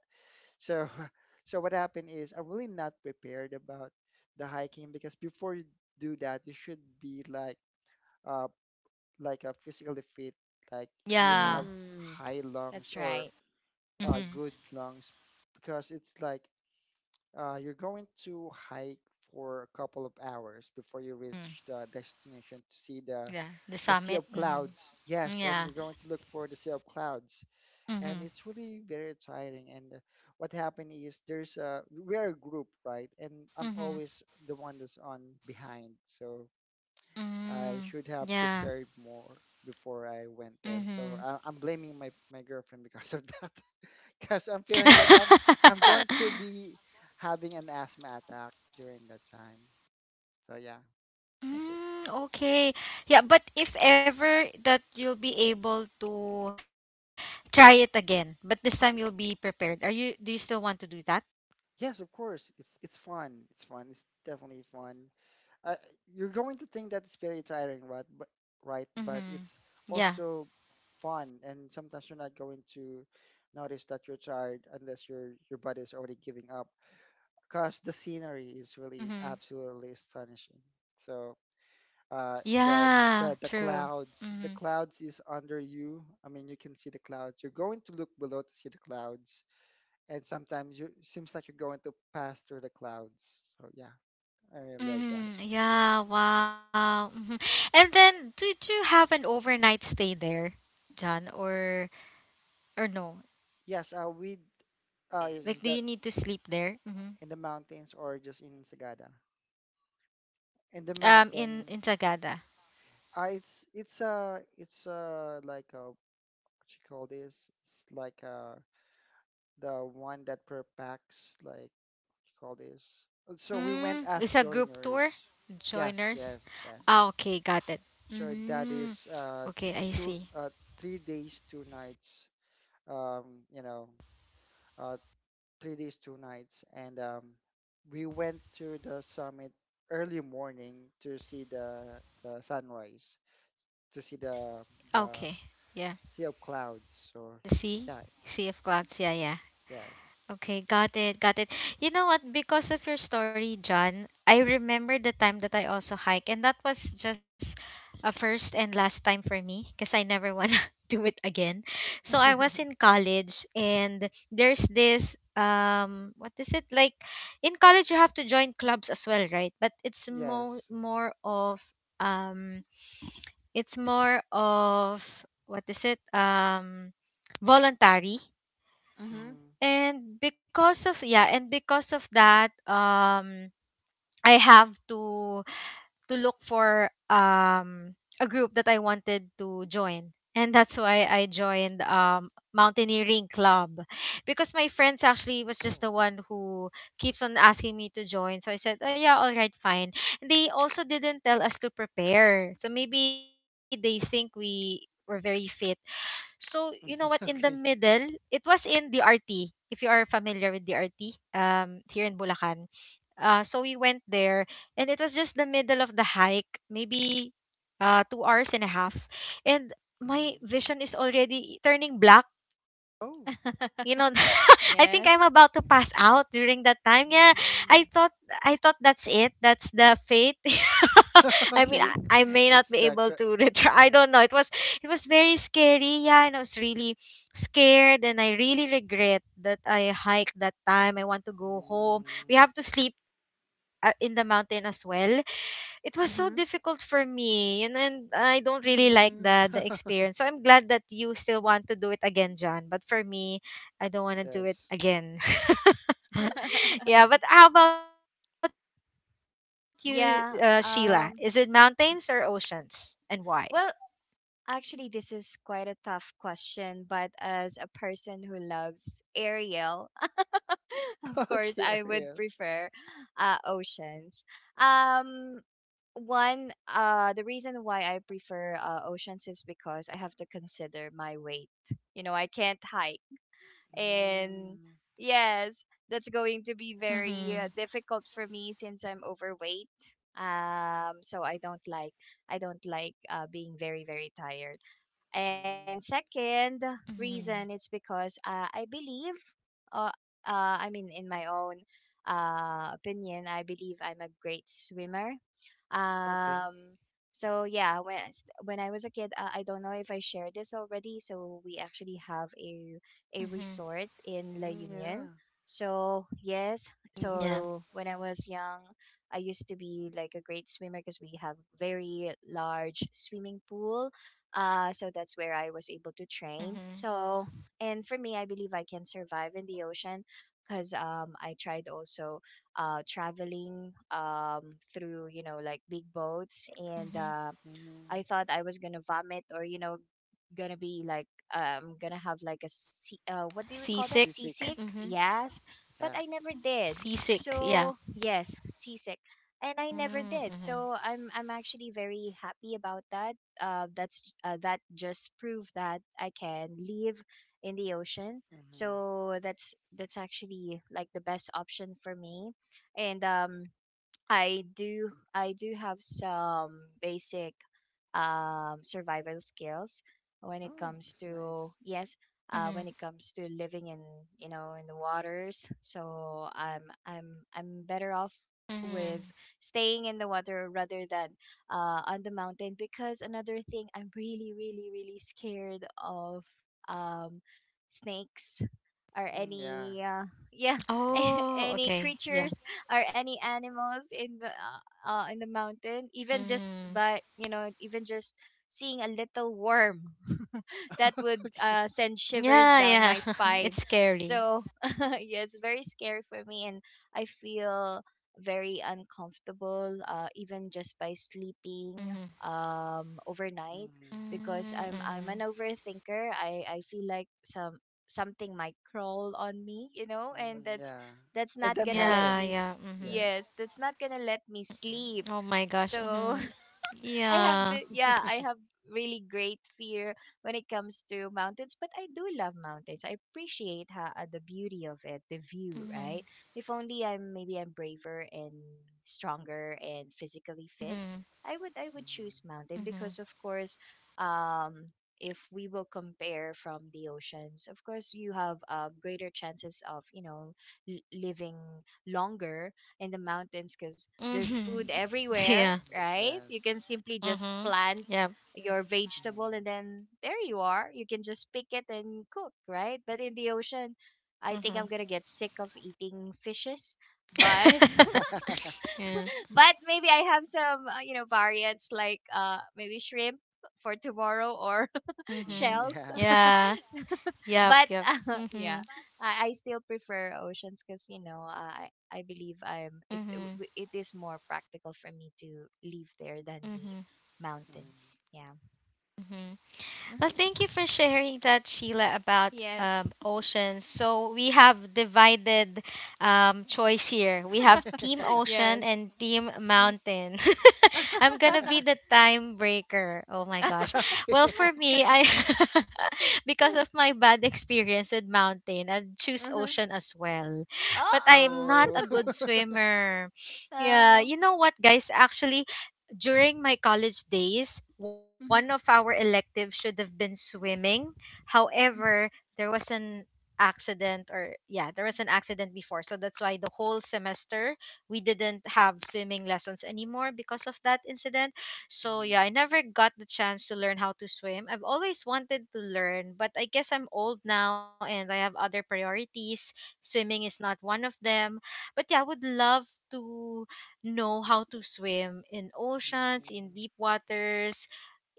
Speaker 2: So so what happened is I'm really not prepared about the hiking because before you do that, you should be uh like a physically fit, like you have
Speaker 1: Yeah.
Speaker 3: Mm.
Speaker 2: high
Speaker 3: That's
Speaker 2: lungs
Speaker 3: right.
Speaker 2: or good
Speaker 1: Mhm.
Speaker 2: lungs because it's like you're going to hike for a couple of hours before you reach the
Speaker 1: Mhm.
Speaker 2: destination to see the
Speaker 1: Yeah.
Speaker 2: sea
Speaker 1: The
Speaker 2: of
Speaker 1: summit.
Speaker 2: clouds.
Speaker 1: Mhm.
Speaker 2: Yes, and you're going to
Speaker 1: Yeah.
Speaker 2: look for the sea of clouds, and it's
Speaker 1: Mhm.
Speaker 2: really very tiring. And what happened is there's a we're a group, right? And I'm always
Speaker 1: Mhm.
Speaker 2: the one that's on behind, so I
Speaker 1: Mhm.
Speaker 2: should have
Speaker 1: Yeah.
Speaker 2: prepared more before I went there. So
Speaker 1: Mhm.
Speaker 2: I'm blaming my girlfriend because of that because I'm feeling like I'm going to be having an asthma attack during that time. So yeah, that's it.
Speaker 1: Mm, okay. Yeah, but if ever that you'll be able to try it again, but this time you'll be prepared. Are you Do you still want to do that?
Speaker 2: Yes, of course. It's fun. It's fun. It's definitely fun. Uh, you're going to think that it's very tiring, right? But right, but it's
Speaker 1: Mhm.
Speaker 2: also
Speaker 1: Yeah.
Speaker 2: fun. And sometimes you're not going to notice that you're tired unless your body is already giving up. Cause the scenery is really
Speaker 1: Mhm.
Speaker 2: absolutely astonishing. So the the
Speaker 1: Yeah, true.
Speaker 2: clouds. The clouds
Speaker 1: Mhm.
Speaker 2: is under you. I mean, you can see the clouds. You're going to look below to see the clouds, and sometimes you seems like you're going to pass through the clouds. So yeah, I really love that.
Speaker 1: Mhm. Yeah, wow. Mhm. And then did you have an overnight stay there, John, or no?
Speaker 2: Yes, we
Speaker 1: Like
Speaker 2: is
Speaker 1: do you
Speaker 2: that
Speaker 1: need to sleep there? Mhm.
Speaker 2: in the mountains or just in Sagada? In the
Speaker 1: Um
Speaker 2: mountain,
Speaker 1: in in Sagada.
Speaker 2: it's like a what you call this? It's like a the one that per packs like what you call this. So we
Speaker 1: Mm,
Speaker 2: went
Speaker 1: it's
Speaker 2: as
Speaker 1: a group tour?
Speaker 2: joiners. Yes,
Speaker 1: Joiners?
Speaker 2: yes,
Speaker 1: Ah,
Speaker 2: yes.
Speaker 1: okay, got it.
Speaker 2: So that
Speaker 1: Mm-hmm.
Speaker 2: is
Speaker 1: Okay, I
Speaker 2: two
Speaker 1: see.
Speaker 2: 3 days, two nights. Um, you know, uh 3 days, two nights, and we went to the summit early morning to see the sunrise, to see the
Speaker 1: Okay, yeah.
Speaker 2: sea of clouds. So
Speaker 1: The sea,
Speaker 2: yeah,
Speaker 1: Sea of Clouds. Yeah, yeah.
Speaker 2: yes,
Speaker 1: Okay,
Speaker 2: that's it.
Speaker 1: got it, got it. You know what? Because of your story, John, I remember the time that I also hike, and that was just a first and last time for me because I never want to do it again. So I was in college, and there's this what is it, like in college you have to join clubs as well, right? But it's more
Speaker 2: Yes.
Speaker 1: more of um it's more of, what is it, voluntary.
Speaker 3: Mm-hmm.
Speaker 2: Mm.
Speaker 1: And because of, yeah, and because of that, I have to look for a group that I wanted to join, and that's why I joined mountaineering club, because my friends actually was
Speaker 2: Oh.
Speaker 1: just the one who keeps on asking me to join. So I said, oh yeah, all right, fine. They also didn't tell us to prepare, so maybe they think we were very fit. So, you know what, in the middle,
Speaker 2: Okay.
Speaker 1: it was in DRT. If you are familiar with DRT, here in Bulacan. So we went there and it was just the middle of the hike, maybe 2 hours and a half, and
Speaker 2: Mm.
Speaker 1: my vision is already turning black. You know,
Speaker 2: Oh,
Speaker 1: I think I'm about to pass out
Speaker 3: Yes.
Speaker 2: I
Speaker 1: during
Speaker 2: see.
Speaker 1: that time. Yeah, I thought I
Speaker 2: Mm.
Speaker 1: thought that's it. That's the fate. I mean, I may not
Speaker 2: Okay.
Speaker 3: Mm-hmm.
Speaker 1: be able to
Speaker 2: It's the
Speaker 1: retry.
Speaker 2: cra-
Speaker 1: I don't know. It was very scary. Yeah, and I was really scared, and I really regret that I hiked that time. I want to go home.
Speaker 2: mm.
Speaker 1: We have to sleep in the mountain as well. It was so difficult
Speaker 3: Mm-hmm.
Speaker 1: for me, and I don't really like the
Speaker 3: Mm.
Speaker 1: experience. So I'm glad that you still want to do it again, John. But for me, I don't want to do it
Speaker 2: Yes.
Speaker 1: again. Yeah, but how about you, Sheila? Is
Speaker 3: Yeah.
Speaker 1: it
Speaker 3: Um,
Speaker 1: mountains or oceans, and why?
Speaker 3: well, actually, this is quite a tough question, but as a person who loves Ariel, of course,
Speaker 2: Okay,
Speaker 3: I would
Speaker 2: Ariel.
Speaker 3: prefer oceans. Um, One, the reason why I prefer oceans is because I have to consider my weight. You know, I can't hike and
Speaker 2: Mm,
Speaker 3: yes that's going to be very difficult for me since
Speaker 1: Mhm.
Speaker 3: I'm overweight, so I don't like, being very tired. And
Speaker 2: mm.
Speaker 3: second reason, it's because I
Speaker 1: Mhm.
Speaker 3: believe, uh, I mean, in my own opinion, I believe I'm a great swimmer.
Speaker 2: Okay.
Speaker 3: um so yeah, when when I was a kid, I don't know if I shared this already. So we actually have a resort in La
Speaker 1: Mhm.
Speaker 2: Mm,
Speaker 3: Union.
Speaker 2: yeah.
Speaker 3: So, yes, so when I was
Speaker 1: Yeah.
Speaker 3: young, I used to be like a great swimmer because we have very large swimming pool. So that's where I was able to train. So,
Speaker 1: Mhm.
Speaker 3: and for me, I believe I can survive in the ocean because I tried also traveling through, you know, like big boats, and
Speaker 1: Mhm.
Speaker 2: Mm-hmm.
Speaker 3: I thought I was gonna vomit, or you know, gonna be like, gonna have like a sea, what do we call that, seasick,
Speaker 2: Sisik.
Speaker 1: Seasick. Mhm.
Speaker 3: yes, but
Speaker 2: Yeah.
Speaker 3: I never did. So
Speaker 1: Seasick. Yeah.
Speaker 3: yes, seasick, and I never did,
Speaker 1: Mm,
Speaker 3: so I'm
Speaker 1: mhm.
Speaker 3: I'm actually very happy about that. That just proved that I can live in the ocean.
Speaker 2: Mm-hmm.
Speaker 3: So that's actually like the best option for me. And I do, have some basic survival skills when it
Speaker 2: Oh,
Speaker 3: comes
Speaker 2: that's
Speaker 3: to,
Speaker 2: nice.
Speaker 3: yes, when it
Speaker 1: Mhm.
Speaker 3: comes to living in, you know, in the waters. So I'm better off with
Speaker 1: Mhm.
Speaker 3: staying in the water rather than on the mountain, because another thing I'm really scared of, um snakes or
Speaker 2: Mm, yeah,
Speaker 3: any yeah,
Speaker 2: it's nice.
Speaker 1: Oh,
Speaker 3: any
Speaker 1: okay. Yeah.
Speaker 3: creatures or any animals in the mountain, even just
Speaker 1: Mm-hmm.
Speaker 3: by, you know, even just seeing a little worm. That would
Speaker 2: Okay.
Speaker 3: send shivers
Speaker 1: Yeah,
Speaker 3: down
Speaker 1: yeah.
Speaker 3: my spine.
Speaker 1: It's scary.
Speaker 3: So yeah, it's very scary for me, and I feel very uncomfortable even just by sleeping
Speaker 1: Mm-hmm.
Speaker 3: overnight,
Speaker 2: Mm-hmm.
Speaker 3: because I'm an
Speaker 1: Mm-hmm.
Speaker 3: overthinker. I feel like some, something might crawl on me, you know, and
Speaker 2: Mm-hmm.
Speaker 3: that's
Speaker 2: Yeah.
Speaker 3: that's
Speaker 2: And
Speaker 3: not
Speaker 2: that
Speaker 3: gonna let
Speaker 1: Yeah,
Speaker 3: me.
Speaker 1: yeah.
Speaker 2: happens.
Speaker 1: Mm-hmm.
Speaker 2: Yes.
Speaker 3: Yes, that's not gonna let me sleep.
Speaker 1: Oh my gosh.
Speaker 3: So,
Speaker 1: Mm-hmm.
Speaker 3: I have
Speaker 1: Yeah.
Speaker 3: the, yeah, I have really great fear when it comes to mountains, but I do love mountains. I appreciate how, the beauty of it, the view,
Speaker 1: Mm-hmm.
Speaker 3: right? If only I'm, maybe I'm braver and stronger and physically fit,
Speaker 1: Mm-hmm.
Speaker 3: I would choose
Speaker 2: Mm-hmm.
Speaker 3: mountain,
Speaker 1: Mm-hmm.
Speaker 3: because of course, if we will compare from the oceans, of course you have greater chances of, you know, living longer in the mountains, because there's
Speaker 1: Mm-hmm.
Speaker 3: food everywhere,
Speaker 1: Yeah.
Speaker 2: Mm-hmm.
Speaker 3: right? You can
Speaker 2: Yes.
Speaker 3: simply just
Speaker 1: Mm-hmm.
Speaker 3: plant
Speaker 1: Yep.
Speaker 3: your vegetable and then there you are. You can just pick it and cook, right? But in the ocean, I think I'm
Speaker 1: Mm-hmm.
Speaker 3: going to get sick of eating fishes. But
Speaker 2: Mm-hmm.
Speaker 1: Yeah.
Speaker 3: but maybe I have some, you know, variants, like maybe shrimp for tomorrow or
Speaker 2: Mhm,
Speaker 1: Mm-hmm.
Speaker 3: shells.
Speaker 2: yeah.
Speaker 1: Yeah. Yep.
Speaker 3: But
Speaker 1: Yep.
Speaker 3: yeah,
Speaker 1: Mm-hmm.
Speaker 3: I still prefer oceans because, you know, I believe I'm,
Speaker 1: Mm-hmm.
Speaker 3: it is more practical for me to live there than the
Speaker 1: Mm-hmm.
Speaker 2: Mhm.
Speaker 3: mountains. Yeah.
Speaker 1: Mm-hmm. Well,
Speaker 3: Hmm.
Speaker 1: thank you for sharing that, Sheila, about
Speaker 3: Yes.
Speaker 1: oceans. So we have divided choice here. We have Team Ocean
Speaker 3: Yes.
Speaker 1: and Team
Speaker 3: Deep.
Speaker 1: Mountain. I'm gonna be the time breaker. Oh my gosh. Well,
Speaker 2: Okay.
Speaker 1: for me, I because of my bad experience with mountain, I'd choose
Speaker 3: Uh-huh.
Speaker 1: ocean as well. But I'm
Speaker 3: Oh.
Speaker 1: not
Speaker 2: Oh.
Speaker 1: a good swimmer. Yeah,
Speaker 3: Oh.
Speaker 1: you know what, guys? Actually, during my college days,
Speaker 3: Mhm,
Speaker 1: one of our electives should have been swimming.
Speaker 3: mhm.
Speaker 1: However, there was an accident, or yeah, there was an accident before, so that's why the whole semester we didn't have swimming lessons anymore because of that incident.
Speaker 2: Mhm,
Speaker 1: So yeah, I never got the chance to learn how to swim. I've always wanted to learn, but I guess I'm old now and I have other priorities. Swimming is not one of them. But yeah, I would love to know how to swim in
Speaker 2: mhm,
Speaker 1: oceans, in deep waters.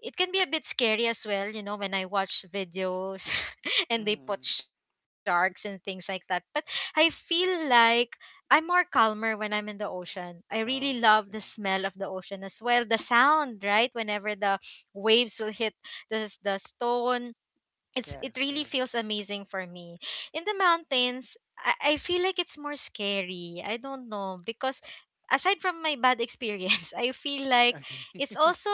Speaker 1: It can be a bit scary as well, when I watch videos
Speaker 2: mhm.
Speaker 1: and they put sharks and things like that. But I feel like I'm more calmer when I'm in the ocean. I
Speaker 2: Oh,
Speaker 1: really love the
Speaker 2: okay.
Speaker 1: smell of the ocean as well. The sound, right? Whenever the waves will hit the stone, it
Speaker 2: Yes,
Speaker 1: really
Speaker 2: yes.
Speaker 1: feels amazing for me. In the mountains, I feel like it's more scary. I don't know, because aside from my bad experience I feel like
Speaker 2: Okay.
Speaker 1: it's also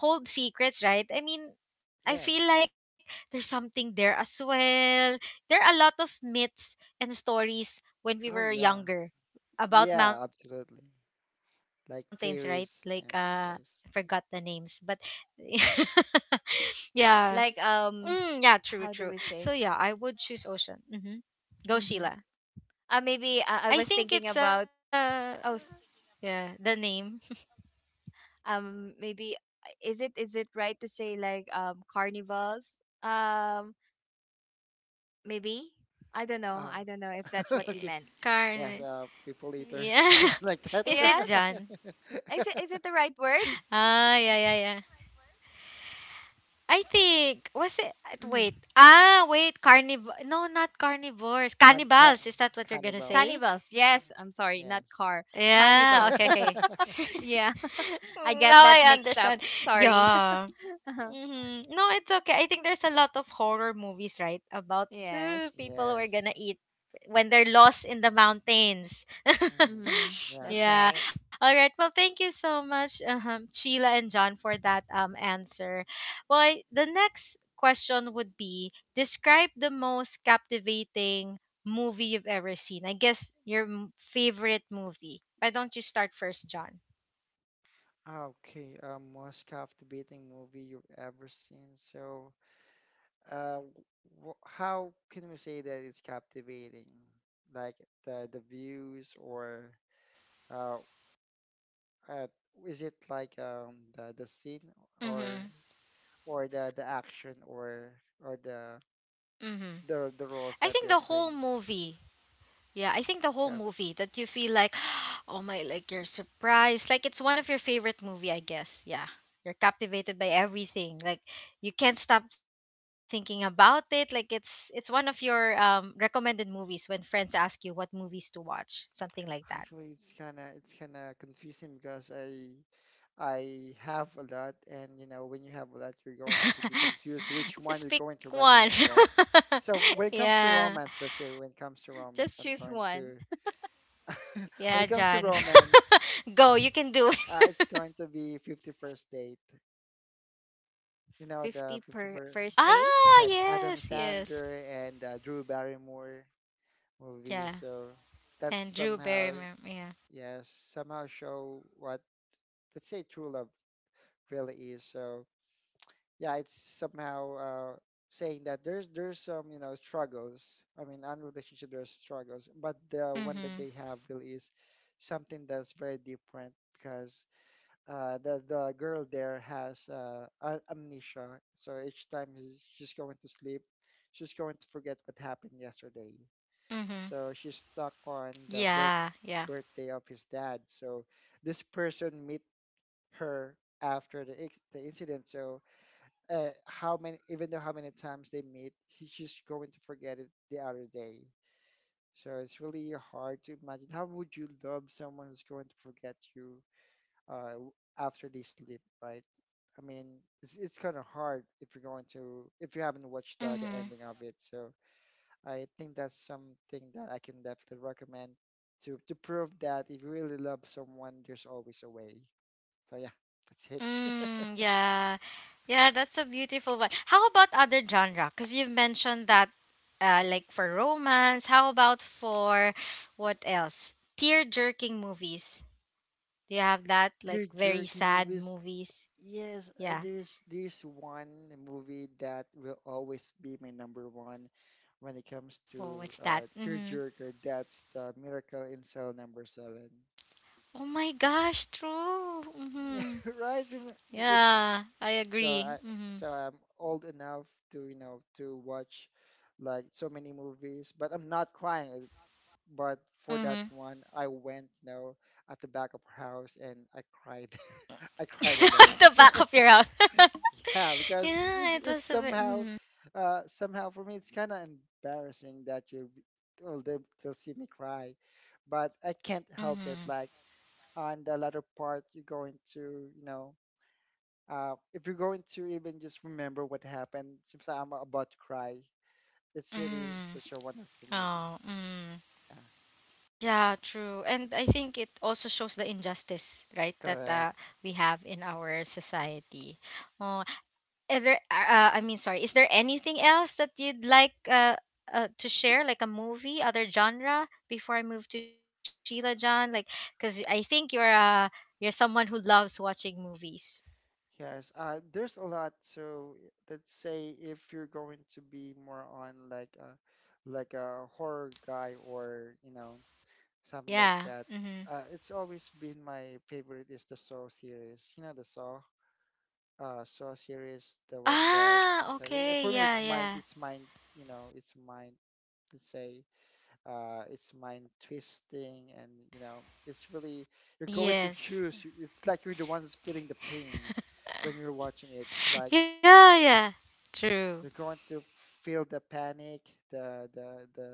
Speaker 1: hold secrets, right? I mean, I feel
Speaker 2: Yes.
Speaker 1: like there's something there as well. There are a lot of myths and stories when we were
Speaker 2: Oh, yeah.
Speaker 1: younger about
Speaker 2: Yeah,
Speaker 1: mountains, right?
Speaker 2: absolutely.
Speaker 1: Like I
Speaker 2: Like
Speaker 1: forgot the
Speaker 2: fairies
Speaker 1: names, but
Speaker 2: and yes.
Speaker 1: yeah. Mm, yeah, true,
Speaker 3: Like
Speaker 1: true. So yeah, I would
Speaker 3: how
Speaker 1: choose
Speaker 3: do we
Speaker 1: ocean.
Speaker 3: say?
Speaker 1: Mm-hmm. Go, Sheila.
Speaker 3: Hmm. Maybe, I was
Speaker 1: I
Speaker 3: thinking
Speaker 1: think it's
Speaker 3: about, Oh, s-
Speaker 1: yeah, the name.
Speaker 3: maybe is it right to say like, carnivals? Maybe, I don't know.
Speaker 2: Oh,
Speaker 3: I don't know if that's what you
Speaker 2: okay.
Speaker 3: meant.
Speaker 2: Yes,
Speaker 1: Carn
Speaker 2: people eaters,
Speaker 1: yeah.
Speaker 2: something like that.
Speaker 1: Is it
Speaker 3: Yes,
Speaker 1: John?
Speaker 3: is it is it the right word?
Speaker 1: Ah,
Speaker 3: Um,
Speaker 1: yeah, yeah, yeah. I think, was it,
Speaker 3: mhm.
Speaker 1: wait. Ah, wait, carniv no, not carnivores.
Speaker 2: Can
Speaker 1: Cannibals, is that what you're gonna say?
Speaker 2: cannibals.
Speaker 3: Cannibals. Yes, I'm sorry, not
Speaker 2: Yes.
Speaker 3: car.
Speaker 1: Yeah,
Speaker 3: Cannibals.
Speaker 1: okay, okay.
Speaker 3: Yeah, I get
Speaker 1: Now
Speaker 3: that
Speaker 1: I
Speaker 3: mixed up.
Speaker 1: understand.
Speaker 3: Sorry.
Speaker 1: Yeah. Hmm. No, it's okay. I think there's a lot of horror movies, right, about
Speaker 3: Yes.
Speaker 1: people who are
Speaker 2: Yes.
Speaker 1: gonna eat when they're lost in the mountains.
Speaker 2: Mhm.
Speaker 3: Mm-hmm.
Speaker 2: Yeah.
Speaker 3: That's
Speaker 1: Yeah.
Speaker 3: right.
Speaker 1: All right. Well, thank you so much, Sheila and John, for that answer. Well, the next question would be: describe the most captivating movie you've ever seen. I guess your favorite movie. Why don't you start first, John?
Speaker 2: Ah, okay, a most captivating movie you've ever seen. So, uh, w how can we say that it's captivating? Like the views or uh, uh is it like the scene or
Speaker 1: Mm-hmm.
Speaker 2: or the action or
Speaker 1: Mm-hmm.
Speaker 2: the roles
Speaker 1: I
Speaker 2: that they're
Speaker 1: think the
Speaker 2: playing?
Speaker 1: whole movie Yeah, I think the
Speaker 2: Kind
Speaker 1: whole movie that you feel like, oh my, like you're surprised. Like it's one of your favorite movie, I guess. Yeah. You're captivated by everything. Like you can't stop thinking about it. Like it's one of your recommended movies when friends ask you what movies to watch, something like that.
Speaker 2: actually, it's kind of confusing because I have a lot, and you know, when you have a lot, you're going to be confused which one you're
Speaker 1: Just
Speaker 2: going to
Speaker 1: pick one.
Speaker 2: recommend, right? So when it comes to
Speaker 1: Yeah.
Speaker 2: romance, let's say when it comes to romance,
Speaker 3: Just
Speaker 2: I'm
Speaker 3: choose
Speaker 2: going
Speaker 3: one.
Speaker 2: to when it
Speaker 1: Yeah,
Speaker 2: comes to
Speaker 1: John.
Speaker 2: romance,
Speaker 1: Go, you can do
Speaker 2: it's
Speaker 1: it.
Speaker 2: going to be 51st Date. You know,
Speaker 3: 50
Speaker 2: the
Speaker 1: Ah,
Speaker 3: per
Speaker 2: 51st,
Speaker 3: first
Speaker 1: yes,
Speaker 3: date.
Speaker 2: like
Speaker 1: yes.
Speaker 2: Adam Sandler and Drew Barrymore
Speaker 1: Yeah.
Speaker 2: movie.
Speaker 1: And
Speaker 2: So
Speaker 1: Drew Barrymore.
Speaker 2: that's
Speaker 1: Yeah.
Speaker 2: somehow, yes, somehow show what, let's say, true love really is. So yeah, it's somehow saying that there's some you know struggles. I mean, on relationship there's struggles, but the one
Speaker 1: Mhm.
Speaker 2: that they have really is something that's very different because the girl there has amnesia, so each time she's going to sleep, she's going to forget what happened yesterday.
Speaker 1: Mhm.
Speaker 2: So she's stuck
Speaker 1: Yeah.
Speaker 2: on
Speaker 1: Yeah.
Speaker 2: the birthday of his dad. So this person meet her after the incident, so how many even though how many times they meet he's just going to forget it the other day, so it's really hard to imagine how would you love someone who's going to forget you uh, w- after they sleep, right? I mean, it's kind of hard if you're going to if you haven't watched the
Speaker 1: Mhm.
Speaker 2: ending of it. So I think that's something that I can definitely recommend to prove that if you really love someone there's always a way. So yeah, that's it.
Speaker 1: Mm, yeah. Yeah, that's a beautiful one. How about other genre? Because you've mentioned that, like for romance. How about for what else? Tear-jerking movies. Do you have that?
Speaker 2: Dear
Speaker 1: Like very
Speaker 2: jerky
Speaker 1: sad
Speaker 2: movies.
Speaker 1: movies.
Speaker 2: Yes,
Speaker 1: Yeah.
Speaker 2: there's this one movie that will always be my number one when it comes
Speaker 1: Oh,
Speaker 2: to
Speaker 1: what's that? Mm-hmm.
Speaker 2: tearjerker. That's the Miracle in Cell Number Seven.
Speaker 1: Oh my gosh, true.
Speaker 2: Yeah,
Speaker 1: Mm-hmm.
Speaker 2: right. Rem- If
Speaker 1: Yeah, I
Speaker 2: so,
Speaker 1: agree.
Speaker 2: I
Speaker 1: Mm-hmm.
Speaker 2: so I'm old enough to you know to watch like so many movies, but I'm not crying. But for that
Speaker 1: Mm-hmm.
Speaker 2: one, I went you know at the back of her house and I cried. I cried alone.
Speaker 1: At the back of your house.
Speaker 2: Yeah, because
Speaker 1: Yeah, it
Speaker 2: it's
Speaker 1: was a bit.
Speaker 2: somehow,
Speaker 1: Mm,
Speaker 2: somehow for me it's kind of embarrassing that you, will they, they'll see me cry, but I can't help it. Like
Speaker 1: mm,
Speaker 2: on the latter part, you're going to, you know, if you're going to even just remember what happened, seems like I'm about to cry.
Speaker 1: mm,
Speaker 2: It's really such a
Speaker 1: oh,
Speaker 2: wonderful movie.
Speaker 1: mm.
Speaker 2: Yeah,
Speaker 1: Yeah, true. And I think it also shows the injustice, right, that
Speaker 2: correct.
Speaker 1: we have in our society. Oh, I mean, sorry, is there anything else that you'd like to share, like a movie, other genre, before I move to Sheila, John? Like, because I think you're someone who loves watching movies.
Speaker 2: Yes, there's a lot. So let's say if you're going to be more on like a horror guy or you know something
Speaker 1: Yeah.
Speaker 2: like that,
Speaker 1: Mm-hmm.
Speaker 2: it's always been my favorite is the Saw series. You know the Saw, Saw series, the one that
Speaker 1: Ah,
Speaker 2: yeah, I-
Speaker 1: okay.
Speaker 2: for me
Speaker 1: Yeah, yeah.
Speaker 2: it's mind, you know, it's mind. Let's say it's mind twisting, and you know, it's really you're going to choose.
Speaker 1: Yes.
Speaker 2: It's like you're the one who's feeling the pain when you're watching it. Like
Speaker 1: Yeah, yeah. True.
Speaker 2: you're going to feel the panic, the the the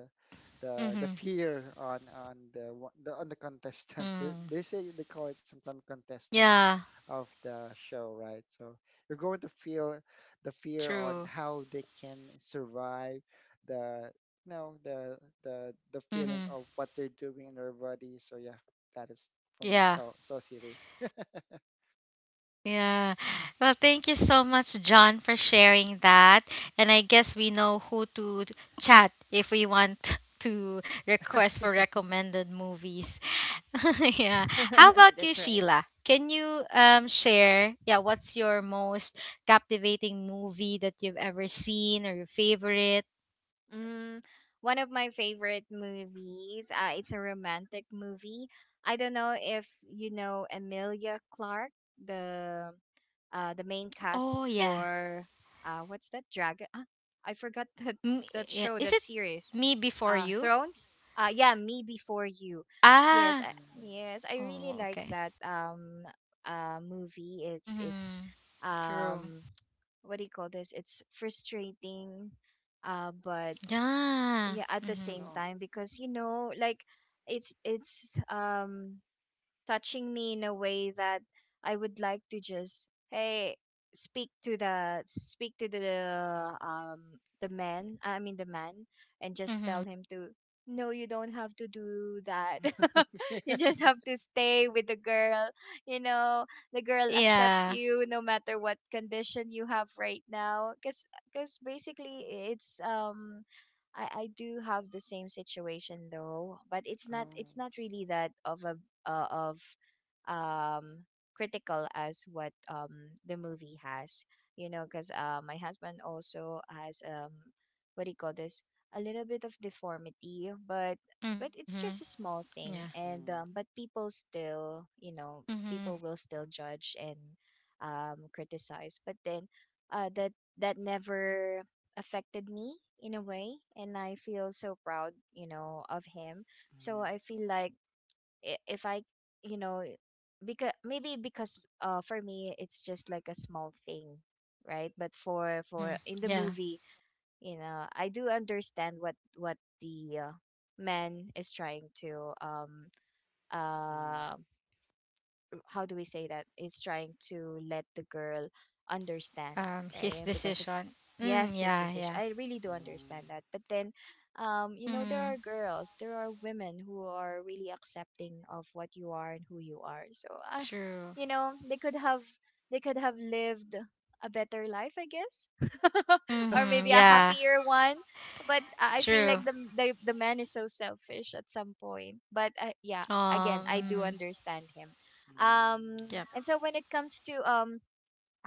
Speaker 2: the
Speaker 1: Mhm.
Speaker 2: fear on the contestants. They they
Speaker 1: Mm.
Speaker 2: say they call it sometimes contestants
Speaker 1: Yeah,
Speaker 2: of the show, right? So you're going to feel the fear on
Speaker 1: true.
Speaker 2: how they can survive the you know the feeling
Speaker 1: Mhm.
Speaker 2: of what they're doing in their body. So yeah, that is for me
Speaker 1: Yeah.
Speaker 2: so so serious.
Speaker 1: Yeah. Well, thank you so much, John, for sharing that. And I guess we know who to chat if we want to request for recommended movies. Yeah. How about you,
Speaker 3: That's right.
Speaker 1: Sheila? Can you share, yeah, what's your most captivating movie that you've ever seen or your favorite?
Speaker 3: Mm, one of my favorite movies. It's a romantic movie. I don't know if you know Emilia Clarke, the the main cast
Speaker 1: Oh, yeah.
Speaker 3: for what's that dragon? Ah, I forgot that, that
Speaker 1: Yeah.
Speaker 3: show,
Speaker 1: Is
Speaker 3: that
Speaker 1: it
Speaker 3: series.
Speaker 1: Me Before You?
Speaker 3: Thrones. Yeah, Me Before You.
Speaker 1: Ah.
Speaker 2: Mm.
Speaker 3: Yes, I really
Speaker 1: Oh,
Speaker 3: like
Speaker 1: okay.
Speaker 3: that movie. It's
Speaker 1: Mhm. True.
Speaker 3: um what do you call this? It's frustrating, but yeah,
Speaker 1: Yeah.
Speaker 3: at the same
Speaker 1: Mhm.
Speaker 2: Oh.
Speaker 3: time, because you know like, it's touching me in a way that I would like to just, hey, speak to the, the man, I mean the man, and just tell
Speaker 1: Mhm.
Speaker 3: him to no, you don't have to do that. You just have to stay with the girl, you know, the girl accepts
Speaker 1: Yeah.
Speaker 3: you no matter what condition you have right now, because basically it's, I do have the same situation though, but
Speaker 2: Oh.
Speaker 3: it's not really that of a, of um critical as what the movie has, you know, because my husband also has, what do you call this, a little bit of deformity, but it's
Speaker 1: Mhm.
Speaker 3: just a small
Speaker 1: Yeah.
Speaker 3: thing, and
Speaker 2: Mm.
Speaker 3: but people still, you know,
Speaker 1: Mhm.
Speaker 3: people will still judge and criticize, but then that, that never affected me in a way, and I feel so proud, you know, of him. So
Speaker 2: Mm.
Speaker 3: I feel like, if I, you know, because, maybe because for me it's just like a small thing, right? But for
Speaker 1: Mhm.
Speaker 3: for in the
Speaker 1: Yeah.
Speaker 3: movie, you know, I do understand what the man is trying to
Speaker 2: Mm.
Speaker 3: um how do we say, that is trying to let the girl understand,
Speaker 1: His
Speaker 3: right, because of,
Speaker 1: decision. Mm,
Speaker 3: yes, his
Speaker 1: yeah, yeah.
Speaker 3: decision. I really do
Speaker 2: Mm,
Speaker 3: understand that, but then you know, there
Speaker 1: Mhm.
Speaker 3: are girls, there are women who are really accepting of what you are and who you are. So I
Speaker 1: True.
Speaker 3: you know, they could have lived a better life, I guess, or
Speaker 1: Mm-hmm,
Speaker 3: maybe a
Speaker 2: okay.
Speaker 1: yeah.
Speaker 3: happier one. But I feel
Speaker 1: True.
Speaker 3: like the, the man is so selfish at some point, but yeah, again, I do
Speaker 1: Mm-hmm.
Speaker 3: understand him.
Speaker 2: Mm,
Speaker 1: Yep.
Speaker 3: And so when it comes to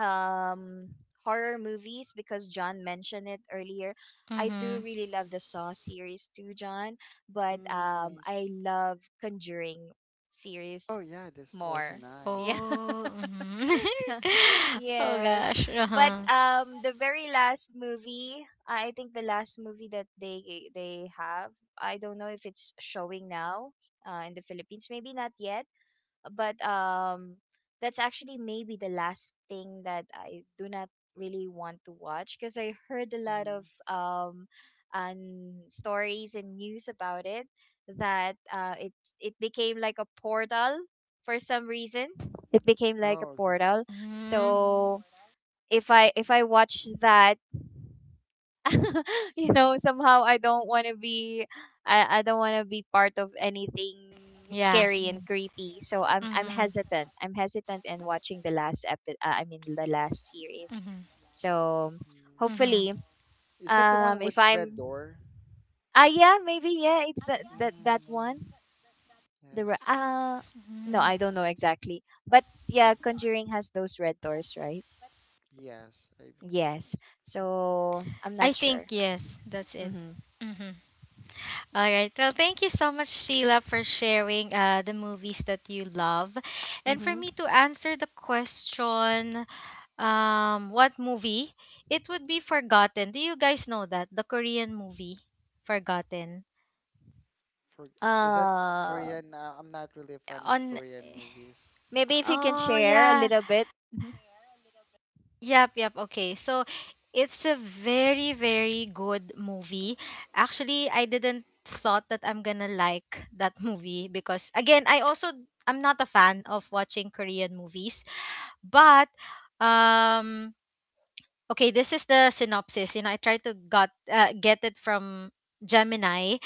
Speaker 3: um horror movies, because John mentioned it earlier, I do
Speaker 2: mm,
Speaker 1: Mhm.
Speaker 3: really love the Saw series too, John. But
Speaker 2: mm, nice.
Speaker 3: I love Conjuring series
Speaker 2: Oh yeah, that's also
Speaker 3: more. Yeah.
Speaker 2: nice.
Speaker 1: Oh. Mhm. Oh
Speaker 3: Yes.
Speaker 1: gosh. Uh
Speaker 3: But
Speaker 1: huh.
Speaker 3: the very last movie, I think the last movie that they have, I don't know if it's showing now in the Philippines, maybe not yet, but that's actually maybe the last thing that I do not really want to watch, because I heard a lot of
Speaker 2: Mm-hmm.
Speaker 3: stories and news about it, that it, it became like a portal for some reason. It became like a
Speaker 2: Oh, okay.
Speaker 3: portal.
Speaker 1: Mhm.
Speaker 3: So if I watch that, you know, somehow I don't want to be, I don't want to be part of
Speaker 1: I got
Speaker 3: anything
Speaker 1: it. Yeah.
Speaker 3: scary and, Mm, creepy. So I'm
Speaker 1: Mhm.
Speaker 3: hesitant, I'm hesitant in watching the last the last
Speaker 1: Mhm.
Speaker 3: series. So
Speaker 2: Mm.
Speaker 1: Mhm.
Speaker 3: hopefully,
Speaker 2: Is that the one with
Speaker 3: if
Speaker 2: red
Speaker 3: I'm
Speaker 2: door?
Speaker 3: ah yeah, maybe, yeah, it's that, that
Speaker 2: Mm,
Speaker 3: one. the re-
Speaker 2: yes.
Speaker 3: uh
Speaker 1: Mhm.
Speaker 3: no, I don't know exactly, but
Speaker 2: Mm.
Speaker 3: yeah, Conjuring has those red doors, right?
Speaker 2: Yes, I believe yes.
Speaker 3: Yes,
Speaker 1: I think
Speaker 3: so I'm
Speaker 1: yes.
Speaker 3: not
Speaker 1: That's
Speaker 3: sure.
Speaker 1: it. Mhm.
Speaker 3: Mm-hmm.
Speaker 1: All right. Well, thank you so much, Sheila, for sharing the movies that you love. And for me to
Speaker 3: Mm-hmm.
Speaker 1: answer the question, what movie? It would be Forgotten. Do you guys know that? The Korean movie Forgotten.
Speaker 2: For is that
Speaker 3: Um,
Speaker 2: Korean? I'm not really a fan of
Speaker 1: On
Speaker 2: Korean movies.
Speaker 3: maybe if you can
Speaker 1: Oh,
Speaker 3: share a
Speaker 1: yeah.
Speaker 3: little bit. Mhm.
Speaker 1: Yep, yep. Okay. So, it's a very very good movie. Actually, I didn't thought that I'm going to like that movie, because again, I'm not a fan of watching Korean movies, but um okay, this is the synopsis. You know, I tried to got get it from Gemini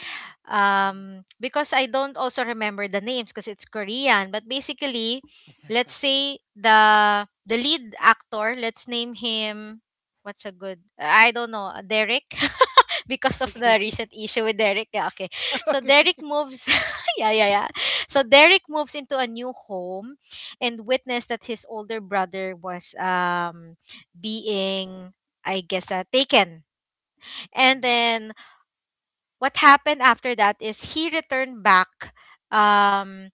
Speaker 2: Mm.
Speaker 1: because I don't also remember the names because it's Korean, but basically let's say the lead actor, let's name him, what's a good, I don't know, Derek because of
Speaker 2: Okay.
Speaker 1: the recent issue with Derek, yeah, okay. So Derek
Speaker 2: Okay.
Speaker 1: moves yeah, yeah, yeah, so Derek moves into a new home and witnessed that his older brother was being, I guess, taken, and
Speaker 2: Mhm.
Speaker 1: then what happened after that is he returned back um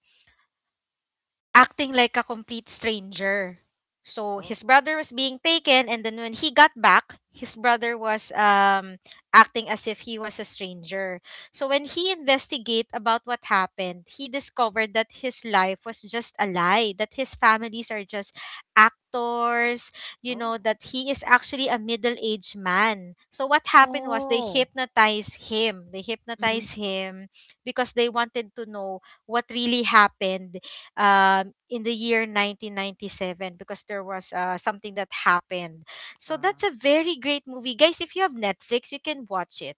Speaker 1: acting like a complete stranger. So
Speaker 2: Oh,
Speaker 1: his brother was being taken, and then when he got back, his brother was acting as if he was a stranger. So when he investigate about what happened, he discovered that his life was just a lie. That his families are just actors. You know
Speaker 2: oh.
Speaker 1: that he is actually a middle-aged man. So what happened was they
Speaker 3: Oh.
Speaker 1: hypnotized him. They
Speaker 3: Mm-hmm.
Speaker 1: hypnotized him because they wanted to know what really happened in the year 1997, because there was something that happened. So
Speaker 2: Uh,
Speaker 1: that's a very great movie. Guys, if you have Netflix, you can watch it.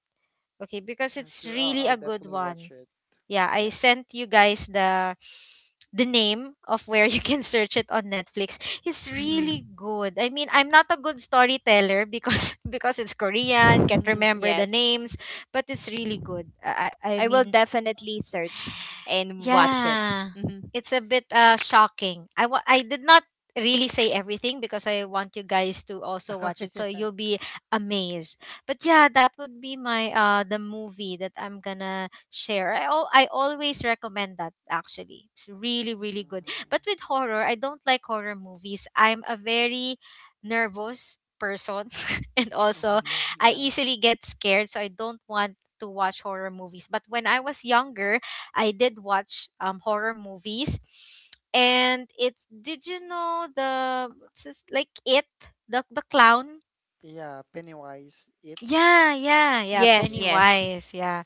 Speaker 1: Okay, because
Speaker 2: yeah,
Speaker 1: it's
Speaker 2: sure.
Speaker 1: really
Speaker 2: I'll
Speaker 1: a good
Speaker 2: definitely watch
Speaker 1: one.
Speaker 2: it.
Speaker 1: Yeah, I
Speaker 2: Yes.
Speaker 1: sent you guys the name of where you can search it on Netflix. It's
Speaker 3: Mm-hmm.
Speaker 1: really good. I mean, I'm not a good storyteller because because it's Korean, can't remember the
Speaker 3: Yes.
Speaker 1: names, but it's really good. I
Speaker 3: I will
Speaker 1: mean,
Speaker 3: definitely search and watch it.
Speaker 1: yeah,
Speaker 3: Mm-hmm.
Speaker 1: it's a bit shocking. I did not really say everything because I want you guys to also
Speaker 2: Oh,
Speaker 1: watch it, so
Speaker 2: yeah.
Speaker 1: you'll be amazed. But yeah, that would be my the movie that I'm gonna share. I always recommend that actually. It's really really good. But
Speaker 2: Mm.
Speaker 1: with horror, I don't like horror movies. I'm a very nervous person, and also
Speaker 2: Mhm,
Speaker 1: I
Speaker 2: uh,
Speaker 1: easily get scared, so I don't want to watch horror movies. But when I was younger, I did watch horror movies, and it's did you know the what's this, like, it the clown?
Speaker 2: yeah, Pennywise, it.
Speaker 1: Yeah, yeah, yeah.
Speaker 2: Yeah,
Speaker 3: Yes,
Speaker 2: yeah.
Speaker 3: yes.
Speaker 1: Pennywise, yeah.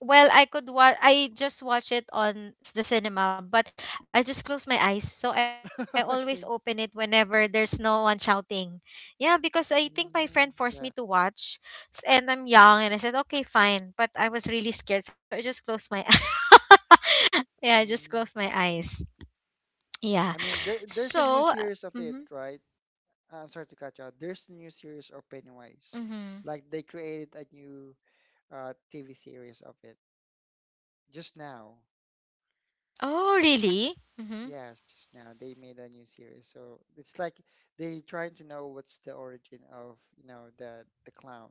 Speaker 1: Well, I could watch. I just watch it on the cinema, but I just close my eyes, so I always open it
Speaker 2: Okay.
Speaker 1: whenever there's no one shouting. Yeah, because I think my friend
Speaker 2: Mm,
Speaker 1: forced me to
Speaker 2: yeah.
Speaker 1: watch, and I'm young, and I said okay, fine. But I was really scared, so I just closed my. Yeah, I just
Speaker 2: Mm.
Speaker 1: closed my eyes. Yeah.
Speaker 2: I mean, there there's a new
Speaker 1: So,
Speaker 2: series of
Speaker 1: mm-hmm,
Speaker 2: it, right? Sorry to cut you out. There's a new series of Pennywise.
Speaker 1: mm-hmm.
Speaker 2: Like they created a new TV series of it just now.
Speaker 1: Oh, really? Mm-hmm.
Speaker 2: Yes, just now they made a new series. So it's like they're trying to know what's the origin of, you know, the clown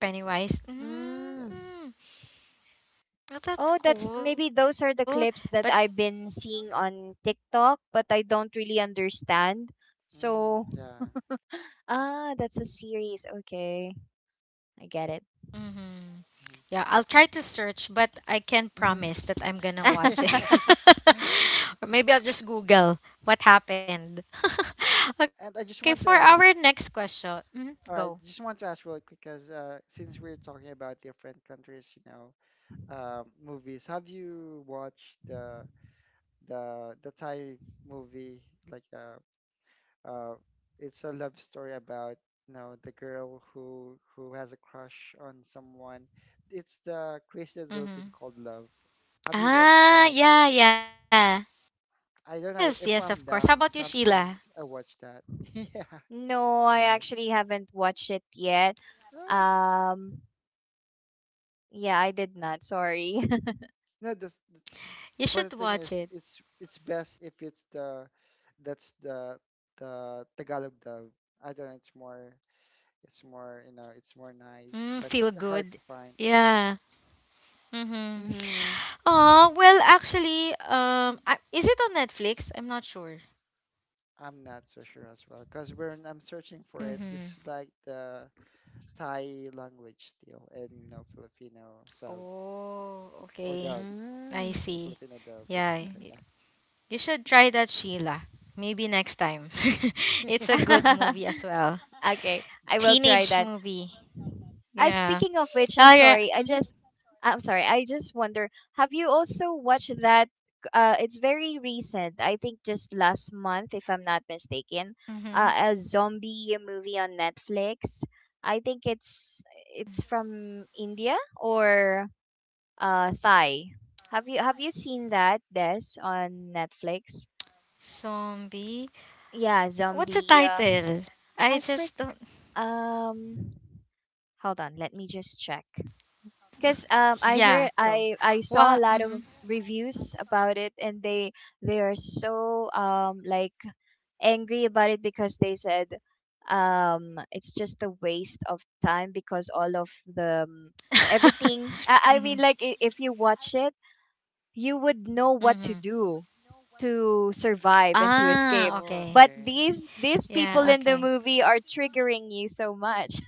Speaker 2: itself.
Speaker 1: Pennywise.
Speaker 3: Mm.
Speaker 2: Yes.
Speaker 1: Mm, well, that's
Speaker 3: Oh, that's
Speaker 1: cool.
Speaker 3: maybe those
Speaker 1: But,
Speaker 3: are the clips that I've been seeing on TikTok, but I don't really understand.
Speaker 2: Mm,
Speaker 3: So,
Speaker 2: yeah.
Speaker 3: ah, that's a series. Okay. I get it.
Speaker 1: mm-hmm. Yeah, I'll try to search, but I can't promise that I'm
Speaker 3: Mm-hmm.
Speaker 1: gonna
Speaker 2: Mhm.
Speaker 1: watch it. Or maybe I'll just Google what happened.
Speaker 2: And I just
Speaker 1: Okay,
Speaker 2: want to
Speaker 1: for
Speaker 2: ask,
Speaker 1: our next question. Mm-hmm.
Speaker 2: all right,
Speaker 1: Go.
Speaker 2: just want to ask really quick because since we're talking about different countries, you know, movies, have you watched the Thai movie? Like, uh, it's a love story about you know the girl who has a crush on someone. It's the Crazy Little Thing
Speaker 1: Mm-hmm.
Speaker 2: Called Love. Have you watched
Speaker 1: Ah,
Speaker 2: that?
Speaker 1: yeah, yeah.
Speaker 2: I don't know
Speaker 1: Yes,
Speaker 2: if
Speaker 1: yes,
Speaker 2: I'm
Speaker 1: of course. How
Speaker 2: down.
Speaker 1: about you, Sheila?
Speaker 2: Sometimes I watch that. Yeah,
Speaker 3: No, I
Speaker 2: right.
Speaker 3: actually haven't watched it yet.
Speaker 2: Oh.
Speaker 3: Um, yeah, I did not. Sorry.
Speaker 2: No, the
Speaker 1: You
Speaker 2: But the
Speaker 1: should
Speaker 2: thing
Speaker 1: watch
Speaker 2: is,
Speaker 1: it.
Speaker 2: it's best if it's the that's the Tagalog dub. I don't know. It's more you know it's more nice,
Speaker 1: Mm,
Speaker 2: but it's
Speaker 1: feel
Speaker 2: hard
Speaker 1: good.
Speaker 2: to find.
Speaker 1: Yeah.
Speaker 2: Yes,
Speaker 1: Mm-hmm.
Speaker 2: yes.
Speaker 3: Mm-hmm.
Speaker 1: Oh, well, actually, is it on Netflix? I'm not sure.
Speaker 2: I'm not so sure as well because when I'm searching for it,
Speaker 1: Mm-hmm.
Speaker 2: it's like the Thai language still and no Filipino sub
Speaker 1: Oh,
Speaker 2: or
Speaker 1: okay.
Speaker 2: dub.
Speaker 1: I
Speaker 3: Mm-hmm.
Speaker 2: There's no
Speaker 1: see.
Speaker 2: Filipino dub.
Speaker 1: Yeah,
Speaker 2: So,
Speaker 1: you should try that, Sheila. Maybe next time. It's a
Speaker 2: yeah.
Speaker 1: good movie as well.
Speaker 3: Okay, I will
Speaker 2: Yes.
Speaker 3: try
Speaker 1: Teenage
Speaker 3: that.
Speaker 1: movie. Yeah.
Speaker 3: Speaking of which, I'm
Speaker 1: Oh, yeah.
Speaker 3: sorry.
Speaker 1: Mm-hmm.
Speaker 3: I'm sorry. I just wonder. Have you also watched that? It's very recent. I think just last month, if I'm not mistaken.
Speaker 1: Mm-hmm.
Speaker 3: A zombie movie on Netflix. I think it's from India or Thai. Have you seen that, Des, on Netflix?
Speaker 1: Zombie.
Speaker 3: Yeah,
Speaker 1: What's the
Speaker 3: zombie,
Speaker 1: title? I
Speaker 3: I
Speaker 1: just
Speaker 3: freak
Speaker 1: don't.
Speaker 3: um hold on, let me just check. Cause
Speaker 1: Yeah,
Speaker 3: I
Speaker 1: go.
Speaker 3: heard,
Speaker 1: What?
Speaker 3: I saw
Speaker 1: Mm-hmm.
Speaker 3: a lot of reviews about it, and they are so like angry about it, because they said it's just a waste of time, because all of the everything, I mean like, if you watch it, you would know
Speaker 1: Mm-hmm.
Speaker 3: what to do to survive and to
Speaker 1: Ah,
Speaker 3: escape,
Speaker 2: Oh,
Speaker 1: okay.
Speaker 3: but
Speaker 2: okay.
Speaker 3: these
Speaker 1: Yeah,
Speaker 3: people in
Speaker 1: okay.
Speaker 3: the movie are triggering you so much.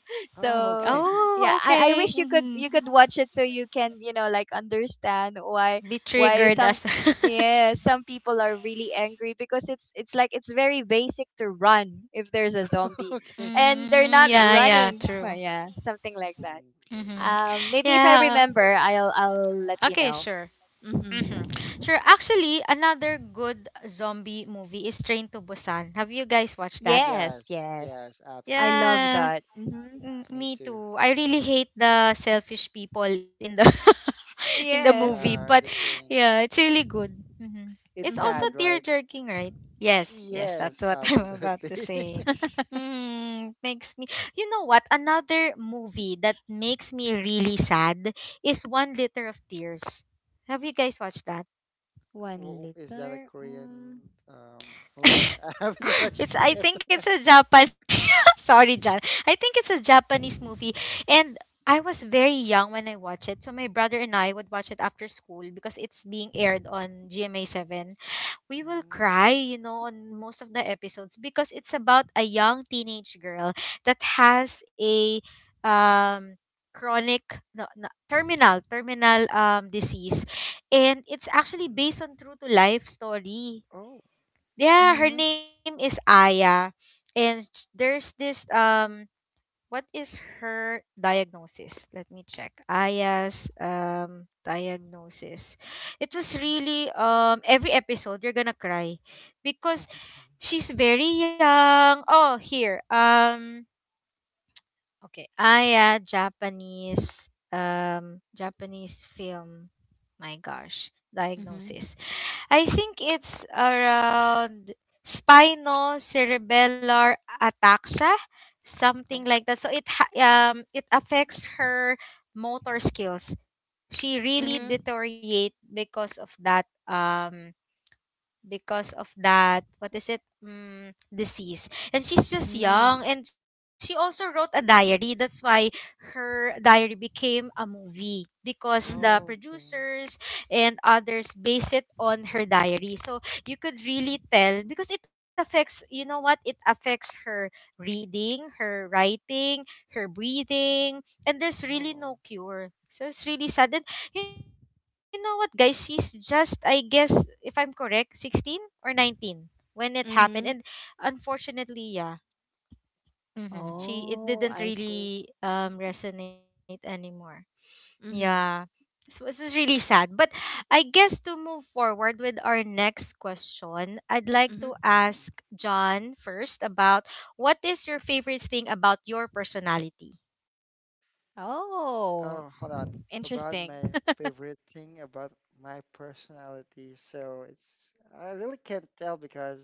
Speaker 2: Oh,
Speaker 3: So
Speaker 2: okay.
Speaker 1: Oh,
Speaker 3: yeah, I
Speaker 1: okay.
Speaker 3: wish you could, you could watch it so you can, you know, like understand why
Speaker 1: Be
Speaker 3: why
Speaker 1: triggered
Speaker 3: some,
Speaker 1: as
Speaker 3: yeah, some people are really angry, because it's like, it's very basic to run if there's a zombie
Speaker 2: Okay.
Speaker 3: and they're
Speaker 1: Mm,
Speaker 3: not
Speaker 1: yeah, yeah,
Speaker 3: running well,
Speaker 1: true.
Speaker 3: yeah, something like that.
Speaker 2: Okay.
Speaker 1: Mm-hmm.
Speaker 3: Maybe if I
Speaker 1: Yeah.
Speaker 3: remember, I'll let you
Speaker 1: Okay,
Speaker 3: know.
Speaker 1: sure. Mm-hmm.
Speaker 3: Mm-hmm.
Speaker 1: Sure. Actually, another good zombie movie is Train to Busan. Have you guys watched that?
Speaker 3: Yes,
Speaker 2: Yes,
Speaker 3: yes.
Speaker 2: yes,
Speaker 3: I
Speaker 2: absolutely.
Speaker 3: love
Speaker 1: Yeah.
Speaker 3: that. Mm-hmm.
Speaker 1: Mm,
Speaker 2: Me
Speaker 1: me
Speaker 2: too.
Speaker 1: too. I really hate the selfish people in the in the
Speaker 3: Yes.
Speaker 1: movie,
Speaker 2: Yeah,
Speaker 1: but
Speaker 2: the train.
Speaker 1: yeah, it's really good. hmm
Speaker 2: It's
Speaker 1: It's also
Speaker 3: Mm-hmm.
Speaker 2: sad,
Speaker 1: tear
Speaker 2: right?
Speaker 1: jerking, right? Yes, yes, that's
Speaker 2: Yes,
Speaker 1: what I'm about to
Speaker 2: absolutely.
Speaker 1: say. Mm, makes me. You know what? Another movie that makes me really sad is One Liter of Tears. Have you guys watched that?
Speaker 3: One
Speaker 2: Is that a
Speaker 3: liter.
Speaker 2: Korean
Speaker 3: Mm.
Speaker 2: movie? I haven't watched it
Speaker 1: it's I think
Speaker 2: yet.
Speaker 1: it's a Japanese sorry, John. I think it's a Japanese movie, and I was very young when I watched it. So my brother and I would watch it after school because it's being aired on GMA 7. We will
Speaker 2: Mm,
Speaker 1: cry, you know, on most of the episodes because it's about a young teenage girl that has a um chronic, no, no, terminal disease, and it's actually
Speaker 2: mhm.
Speaker 1: based on true to life story.
Speaker 2: Oh,
Speaker 1: Yeah, her
Speaker 3: Mm-hmm.
Speaker 1: name is Aya. And there's this, what is her diagnosis? Let me check. Aya's diagnosis. It was really every episode you're gonna cry because
Speaker 2: okay.
Speaker 1: she's very young. Oh, here. Okay. Aya Japanese, Japanese film. My gosh.
Speaker 3: Mm-hmm.
Speaker 1: Diagnosis. I think it's around spinocerebellar ataxia, something
Speaker 2: Oh,
Speaker 1: like that. So it affects her motor
Speaker 2: mm.
Speaker 1: skills. She really
Speaker 3: Mm-hmm.
Speaker 1: deteriorate because of that, what is it, disease, and she's just
Speaker 3: Mm-hmm.
Speaker 1: young, and she also wrote a diary, that's why her diary became a movie because the
Speaker 3: Mm-hmm.
Speaker 2: Oh, okay.
Speaker 1: producers and others base it on her diary. So you could really tell because it affects, you know what, it affects her reading, her writing, her breathing, and there's
Speaker 2: Oh,
Speaker 1: really no cure, so it's really sad. You know what, guys? She's just, I guess, if I'm correct, 16 or 19 when it happened.
Speaker 3: Mm-hmm.
Speaker 1: And unfortunately, yeah,
Speaker 2: mm,
Speaker 1: she
Speaker 3: Oh,
Speaker 1: it
Speaker 3: I
Speaker 1: didn't
Speaker 3: see.
Speaker 1: really, resonate anymore.
Speaker 3: Mm-hmm.
Speaker 1: Yeah, so it was really sad. But I guess to move forward with our next question, I'd
Speaker 3: Mm-hmm.
Speaker 1: like to
Speaker 2: mm.
Speaker 1: ask John first about what is your favorite thing about your personality?
Speaker 3: Oh,
Speaker 2: Oh, hold on. About
Speaker 3: interesting.
Speaker 2: my favorite thing about my personality. So it's I really can't tell because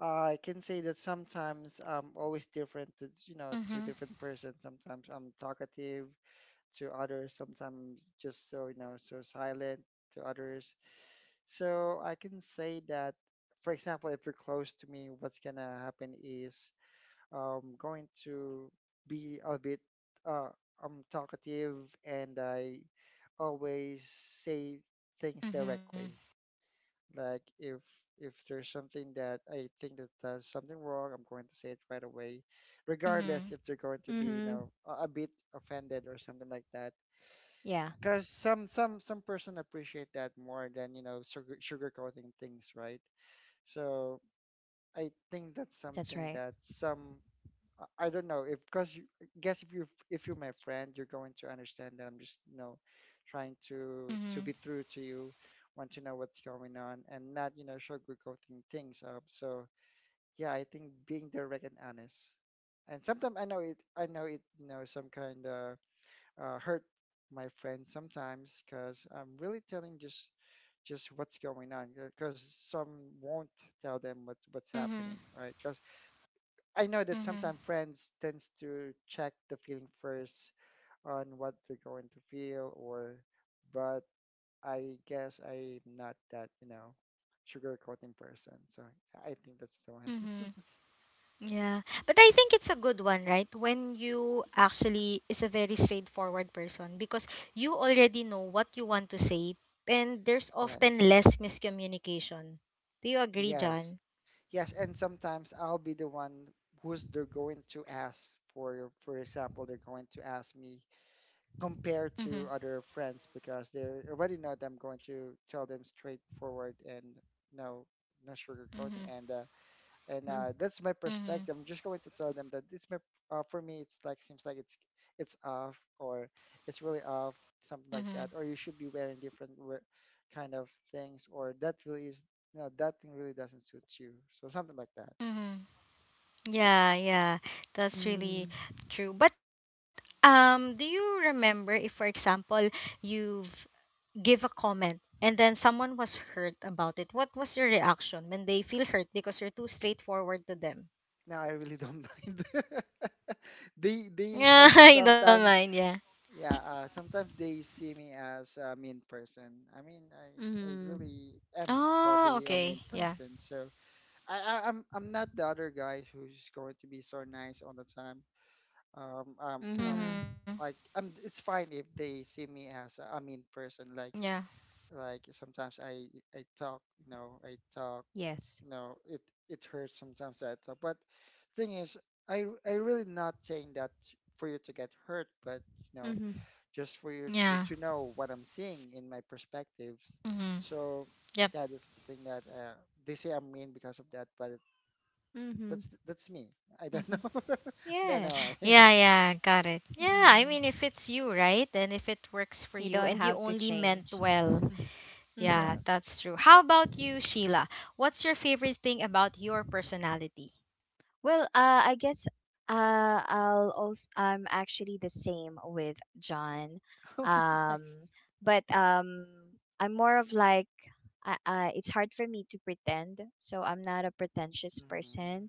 Speaker 2: I can say that sometimes I'm always different to, you know, to different person.
Speaker 1: Mm-hmm.
Speaker 2: Sometimes I'm talkative to others, sometimes just so, you know, so silent to others. So I can say that, for example, if you're close to me, what's gonna happen is going to be a bit uh I'm talkative and I always say things directly.
Speaker 1: Mm-hmm.
Speaker 2: Like if there's something that I think that does something wrong, I'm going to say it right away, regardless
Speaker 1: Mm-hmm.
Speaker 2: if they're going to be, you
Speaker 3: Mm-hmm.
Speaker 2: know, a bit offended or something like that.
Speaker 3: Yeah,
Speaker 2: Because some person appreciate that more than, you know, sugarcoating things, right? So I think that's
Speaker 3: that's
Speaker 2: something
Speaker 3: right.
Speaker 2: that some I don't know if because you I guess if you if you're my friend, you're going to understand that I'm just, you know, trying to be
Speaker 1: Mm-hmm.
Speaker 2: through to you, want to know what's going on and not, you know, sugarcoating things up. So yeah, I think being direct and honest. And sometimes I know it, you know, some kind of hurt my friend sometimes because I'm really telling just what's going on because some won't tell them what's happening,
Speaker 1: Mm-hmm.
Speaker 2: right? 'Cause I know that sometimes friends tends to check the feeling first on what we're going to feel or but I guess I'm not that, you know, sugarcoating person. So I think that's the one.
Speaker 1: Mm-hmm. Yeah. But I think it's a good one, right? When you actually is a very straightforward person because you already know what you want to say, and there's often
Speaker 2: Yes.
Speaker 1: less miscommunication. Do you agree,
Speaker 2: Yes.
Speaker 1: John?
Speaker 2: Yes, and sometimes I'll be the one who's they're going to ask for they're going to ask me compared to
Speaker 1: Mm-hmm.
Speaker 2: other friends because they already know that I'm going to tell them straightforward and no no
Speaker 1: Mm-hmm.
Speaker 2: sugarcoating, and uh, and
Speaker 3: Mm-hmm.
Speaker 2: uh, that's my
Speaker 1: Mm-hmm.
Speaker 2: perspective. I'm just going to tell them that it's my for me. It's like seems like it's off or it's really off, something like
Speaker 1: Mm-hmm.
Speaker 2: that. Or you should be wearing different kind of things, or that really is no that thing really doesn't suit you. So something like that.
Speaker 1: Mm-hmm.
Speaker 2: Yeah.
Speaker 1: Yeah, yeah, that's
Speaker 3: Mm.
Speaker 1: really true. But do you remember if, for example, you've give a comment and then someone was hurt about it? What was your reaction when they feel hurt because you're too straightforward to them?
Speaker 2: No, I really don't mind. They
Speaker 1: Yeah,
Speaker 2: also
Speaker 1: I don't mind.
Speaker 2: sometimes
Speaker 1: Yeah.
Speaker 2: yeah sometimes they see me as a mean person. I mean I
Speaker 3: Mm-hmm.
Speaker 2: really am
Speaker 1: Oh,
Speaker 2: probably a
Speaker 1: okay.
Speaker 2: mean
Speaker 1: Yeah.
Speaker 2: person. So I'm not the other guy who's going to be so nice all the time. Um um um
Speaker 3: Mm-hmm.
Speaker 1: Mhm.
Speaker 2: like it's fine if they see me as a mean person.
Speaker 1: Yeah.
Speaker 2: Like sometimes I talk you know I talk
Speaker 3: Yes.
Speaker 2: you know it it hurts sometimes that I talk. But thing is I really not saying that for you to get hurt, but you know
Speaker 3: Mm-hmm.
Speaker 2: just for you to
Speaker 1: Yeah.
Speaker 2: know what I'm seeing in my perspectives.
Speaker 1: Mhm.
Speaker 2: So
Speaker 1: Yep.
Speaker 2: yeah, that's the thing that they say I'm mean because of that, but
Speaker 3: Mm-hmm.
Speaker 2: that's me. I don't know.
Speaker 1: Mhm.
Speaker 2: I don't know why.
Speaker 3: Yes.
Speaker 1: Yeah, yeah, got it. Yeah, I
Speaker 3: Mm-hmm.
Speaker 1: mean, if it's you, right? And if it works for
Speaker 3: You
Speaker 1: you
Speaker 3: don't
Speaker 1: and you
Speaker 3: have to
Speaker 1: only meant
Speaker 3: change.
Speaker 1: well,
Speaker 3: Hmm.
Speaker 1: yeah,
Speaker 2: Yes.
Speaker 1: that's true. How about you, Sheila? What's your favorite thing about your personality?
Speaker 3: Well, I guess, I'll also, I'm actually the same with John,
Speaker 2: Oh,
Speaker 3: um,
Speaker 2: nice.
Speaker 3: but I'm more of like, it's hard for me to pretend, so I'm not a pretentious
Speaker 2: Mhm.
Speaker 3: person.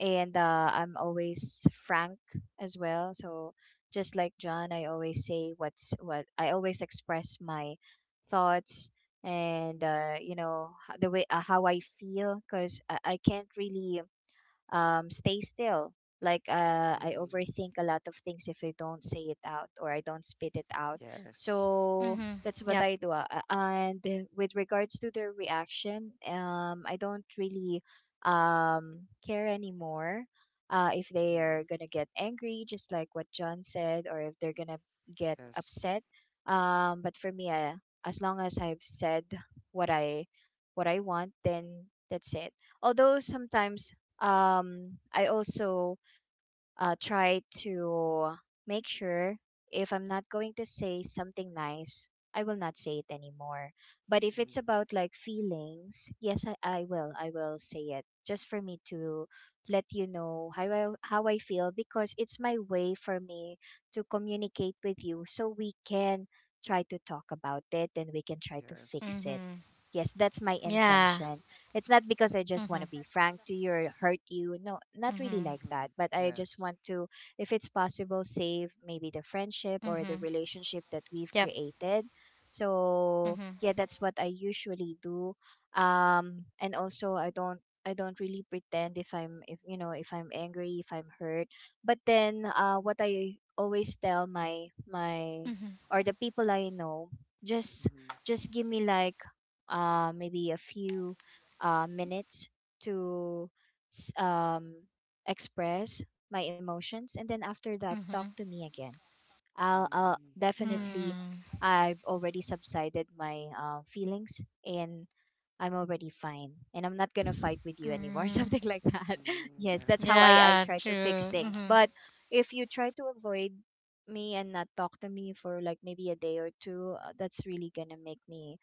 Speaker 3: And I'm always frank as well. So just like John, I always say what's what. I always express my thoughts and the way how I feel because I can't really stay still. Like I
Speaker 2: Mhm.
Speaker 3: overthink a lot of things if I don't say it out or I don't spit it out.
Speaker 2: Yes.
Speaker 3: So
Speaker 1: Mm-hmm.
Speaker 3: that's what
Speaker 1: Yep.
Speaker 3: I do. And with regards to their reaction, I don't really care anymore if they
Speaker 2: Mhm.
Speaker 3: are gonna get angry, just like what John said, or if they're gonna get
Speaker 2: Yes.
Speaker 3: upset. But for me, as long as I've said what I what I want, then that's it. Although sometimes I also try to make sure if I'm not going to say something nice, I will not say it anymore. But if
Speaker 2: Mhm.
Speaker 3: it's about like feelings, yes, I will. I will say it just for me to let you know how I feel because it's my way for me to communicate with you so we can try to talk about it and we can try to
Speaker 2: Yes.
Speaker 3: fix it.
Speaker 1: Mm-hmm.
Speaker 3: Yes, that's my
Speaker 1: Yeah.
Speaker 3: intention. It's not because I just want to
Speaker 1: Mm-hmm.
Speaker 3: be frank to you or hurt you. No, not really
Speaker 1: Mm-hmm.
Speaker 3: like that.
Speaker 2: Mhm.
Speaker 3: But I just
Speaker 2: Yes.
Speaker 3: want to, if it's possible, save maybe the friendship or the
Speaker 1: Mm-hmm.
Speaker 3: relationship that we've
Speaker 1: Yep.
Speaker 3: created. So
Speaker 1: Mm-hmm.
Speaker 3: yeah, that's what I usually do. And also I don't. I don't really pretend if if I'm angry if I'm hurt but then what I always tell my
Speaker 1: Mm-hmm.
Speaker 3: or the people I know just
Speaker 2: Mhm.
Speaker 3: just give me like maybe a few minutes to s- um, express my emotions, and then after that,
Speaker 1: Mm-hmm.
Speaker 3: talk to me again. I'll
Speaker 2: Mhm. Yes.
Speaker 3: definitely,
Speaker 1: Mm.
Speaker 3: I've already subsided my feelings, and I'm already fine, and I'm not gonna fight with you anymore,
Speaker 1: Mm.
Speaker 3: something like that.
Speaker 2: Mhm.
Speaker 3: Yes,
Speaker 2: Yeah.
Speaker 3: that's how
Speaker 1: Yeah, true.
Speaker 3: I try to fix
Speaker 1: Mm-hmm.
Speaker 3: things. But if you try to avoid me and not talk to me for like maybe a day or two, that's really gonna make me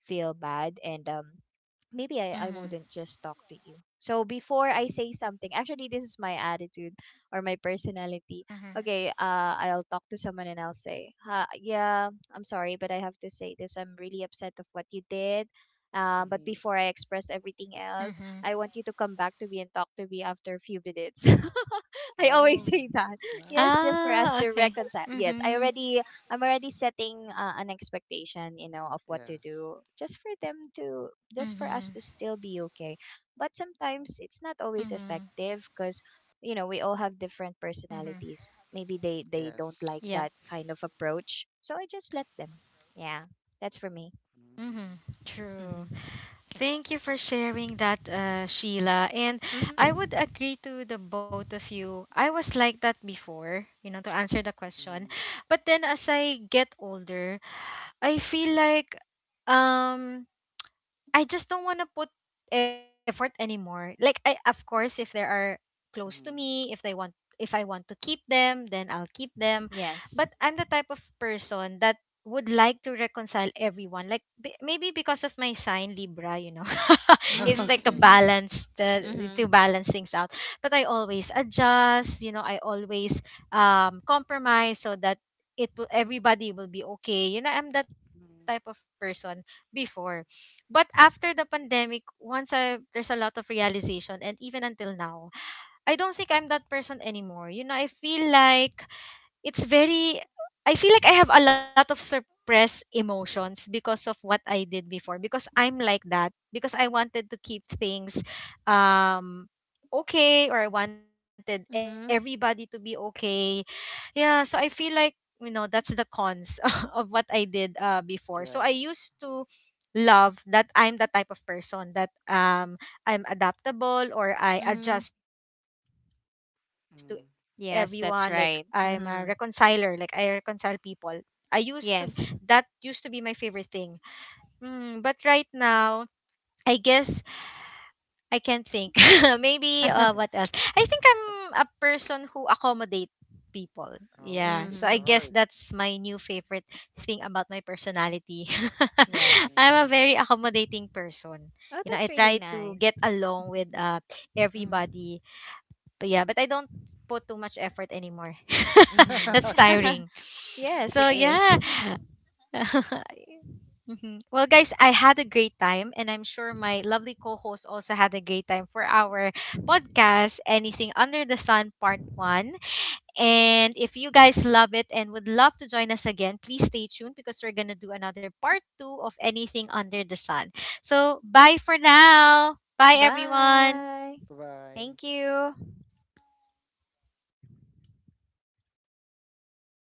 Speaker 3: feel bad and maybe I
Speaker 1: Mm-hmm.
Speaker 3: wouldn't just talk to you. So before I
Speaker 2: Mhm.
Speaker 3: say something, actually this is my attitude or my personality.
Speaker 1: Mm-hmm.
Speaker 3: Okay, I'll talk to someone and I'll say, yeah, I'm sorry, but I have to say this. I'm really upset of what you did. But
Speaker 2: Mhm.
Speaker 3: before I express everything
Speaker 1: Mm-hmm.
Speaker 3: else, I want you to come back to me and talk to me after a few minutes. I always
Speaker 2: Oh,
Speaker 3: say that.
Speaker 2: that's
Speaker 3: Yes,
Speaker 1: Ah,
Speaker 3: just for
Speaker 1: okay.
Speaker 2: nice.
Speaker 3: us to reconcile.
Speaker 1: Mm-hmm.
Speaker 3: Yes, I already I'm already setting an expectation, you know, of what to
Speaker 2: Yes.
Speaker 3: do just for them to, just
Speaker 1: Mm-hmm.
Speaker 3: for us to still be okay. But sometimes it's not always
Speaker 1: Mm-hmm.
Speaker 3: effective because, you know, we all have different
Speaker 1: Mm-hmm.
Speaker 3: personalities. Maybe they don't
Speaker 2: Yes.
Speaker 3: like
Speaker 1: Yep.
Speaker 3: that kind of approach. So I just let them. Yeah, that's for me.
Speaker 1: Mm-hmm.
Speaker 2: Mhm.
Speaker 1: True.
Speaker 3: Mm-hmm.
Speaker 1: Thank you for sharing that, Sheila. And I
Speaker 3: Mm-hmm.
Speaker 1: would agree to the both of you. I was like that before, you know, to answer the question.
Speaker 2: Mhm.
Speaker 1: But then as I get older, I feel like, um I just don't want to put effort anymore. Like, I, of course, if they are close to
Speaker 2: Mhm.
Speaker 1: me, if I want to keep them, then I'll keep them.
Speaker 3: Yes.
Speaker 1: But I'm the type of person that would like to reconcile everyone. Like, maybe because of my sign Libra, you know.
Speaker 3: Mm-hmm.
Speaker 1: It's like
Speaker 2: Okay.
Speaker 3: Mm-hmm.
Speaker 1: to
Speaker 3: Mm-hmm.
Speaker 1: balance things out. But I always adjust, you know, I always compromise so that it will everybody will be okay. You know, I'm that type
Speaker 2: Mhm.
Speaker 1: of person before, but after the pandemic, once I there's a lot of realization, and even until now, I don't think I'm that person anymore. You know, I feel like, it's very I feel like I have a lot of suppressed emotions because of what I did before, because I'm like that, because I wanted to keep things, um okay, or I wanted everybody
Speaker 3: Mm-hmm.
Speaker 1: to be okay. Yeah, so I feel like, that's the cons of what I did, before. So I
Speaker 2: Yes.
Speaker 1: used to love that I'm the type of person that, I'm adaptable, or
Speaker 3: Mm-hmm.
Speaker 1: I adjust to everyone, like I'm
Speaker 2: Mhm.
Speaker 1: a
Speaker 3: Yes,
Speaker 1: reconciler,
Speaker 3: that's
Speaker 1: like I
Speaker 3: right.
Speaker 1: reconcile
Speaker 3: Mm-hmm.
Speaker 1: people. I used to That used to be my favorite
Speaker 3: Yes.
Speaker 1: thing. Mm, but right now, I guess I can't think. Maybe, what else? I think I'm
Speaker 2: Okay.
Speaker 1: a person
Speaker 2: Uh,
Speaker 1: who accommodate people. Yeah. So I guess
Speaker 2: oh,
Speaker 1: that's
Speaker 2: that's
Speaker 3: Mm-hmm.
Speaker 1: my
Speaker 2: hard.
Speaker 1: new favorite thing about my personality. I'm a very
Speaker 3: Yes.
Speaker 2: Mhm.
Speaker 1: accommodating person. You know, I
Speaker 3: Oh,
Speaker 1: try
Speaker 3: that's really
Speaker 1: to get
Speaker 3: nice.
Speaker 1: along with,
Speaker 3: Mm.
Speaker 1: everybody. But yeah, but I don't put too much effort anymore. That's
Speaker 2: Okay.
Speaker 3: Mm-hmm.
Speaker 1: tiring.
Speaker 3: Yes,
Speaker 1: So
Speaker 3: it
Speaker 2: Yeah.
Speaker 3: is.
Speaker 1: yeah. Well, guys, I had a great time, and I'm sure my lovely co host also had a great time for our podcast, Anything Under the Sun Part 1. And if you guys love it and would love to join us again, please stay tuned because we're going to do another Part 2 of Anything Under the Sun. So, bye for now. Bye, everyone.
Speaker 3: Bye.
Speaker 2: Bye bye.
Speaker 3: Thank you.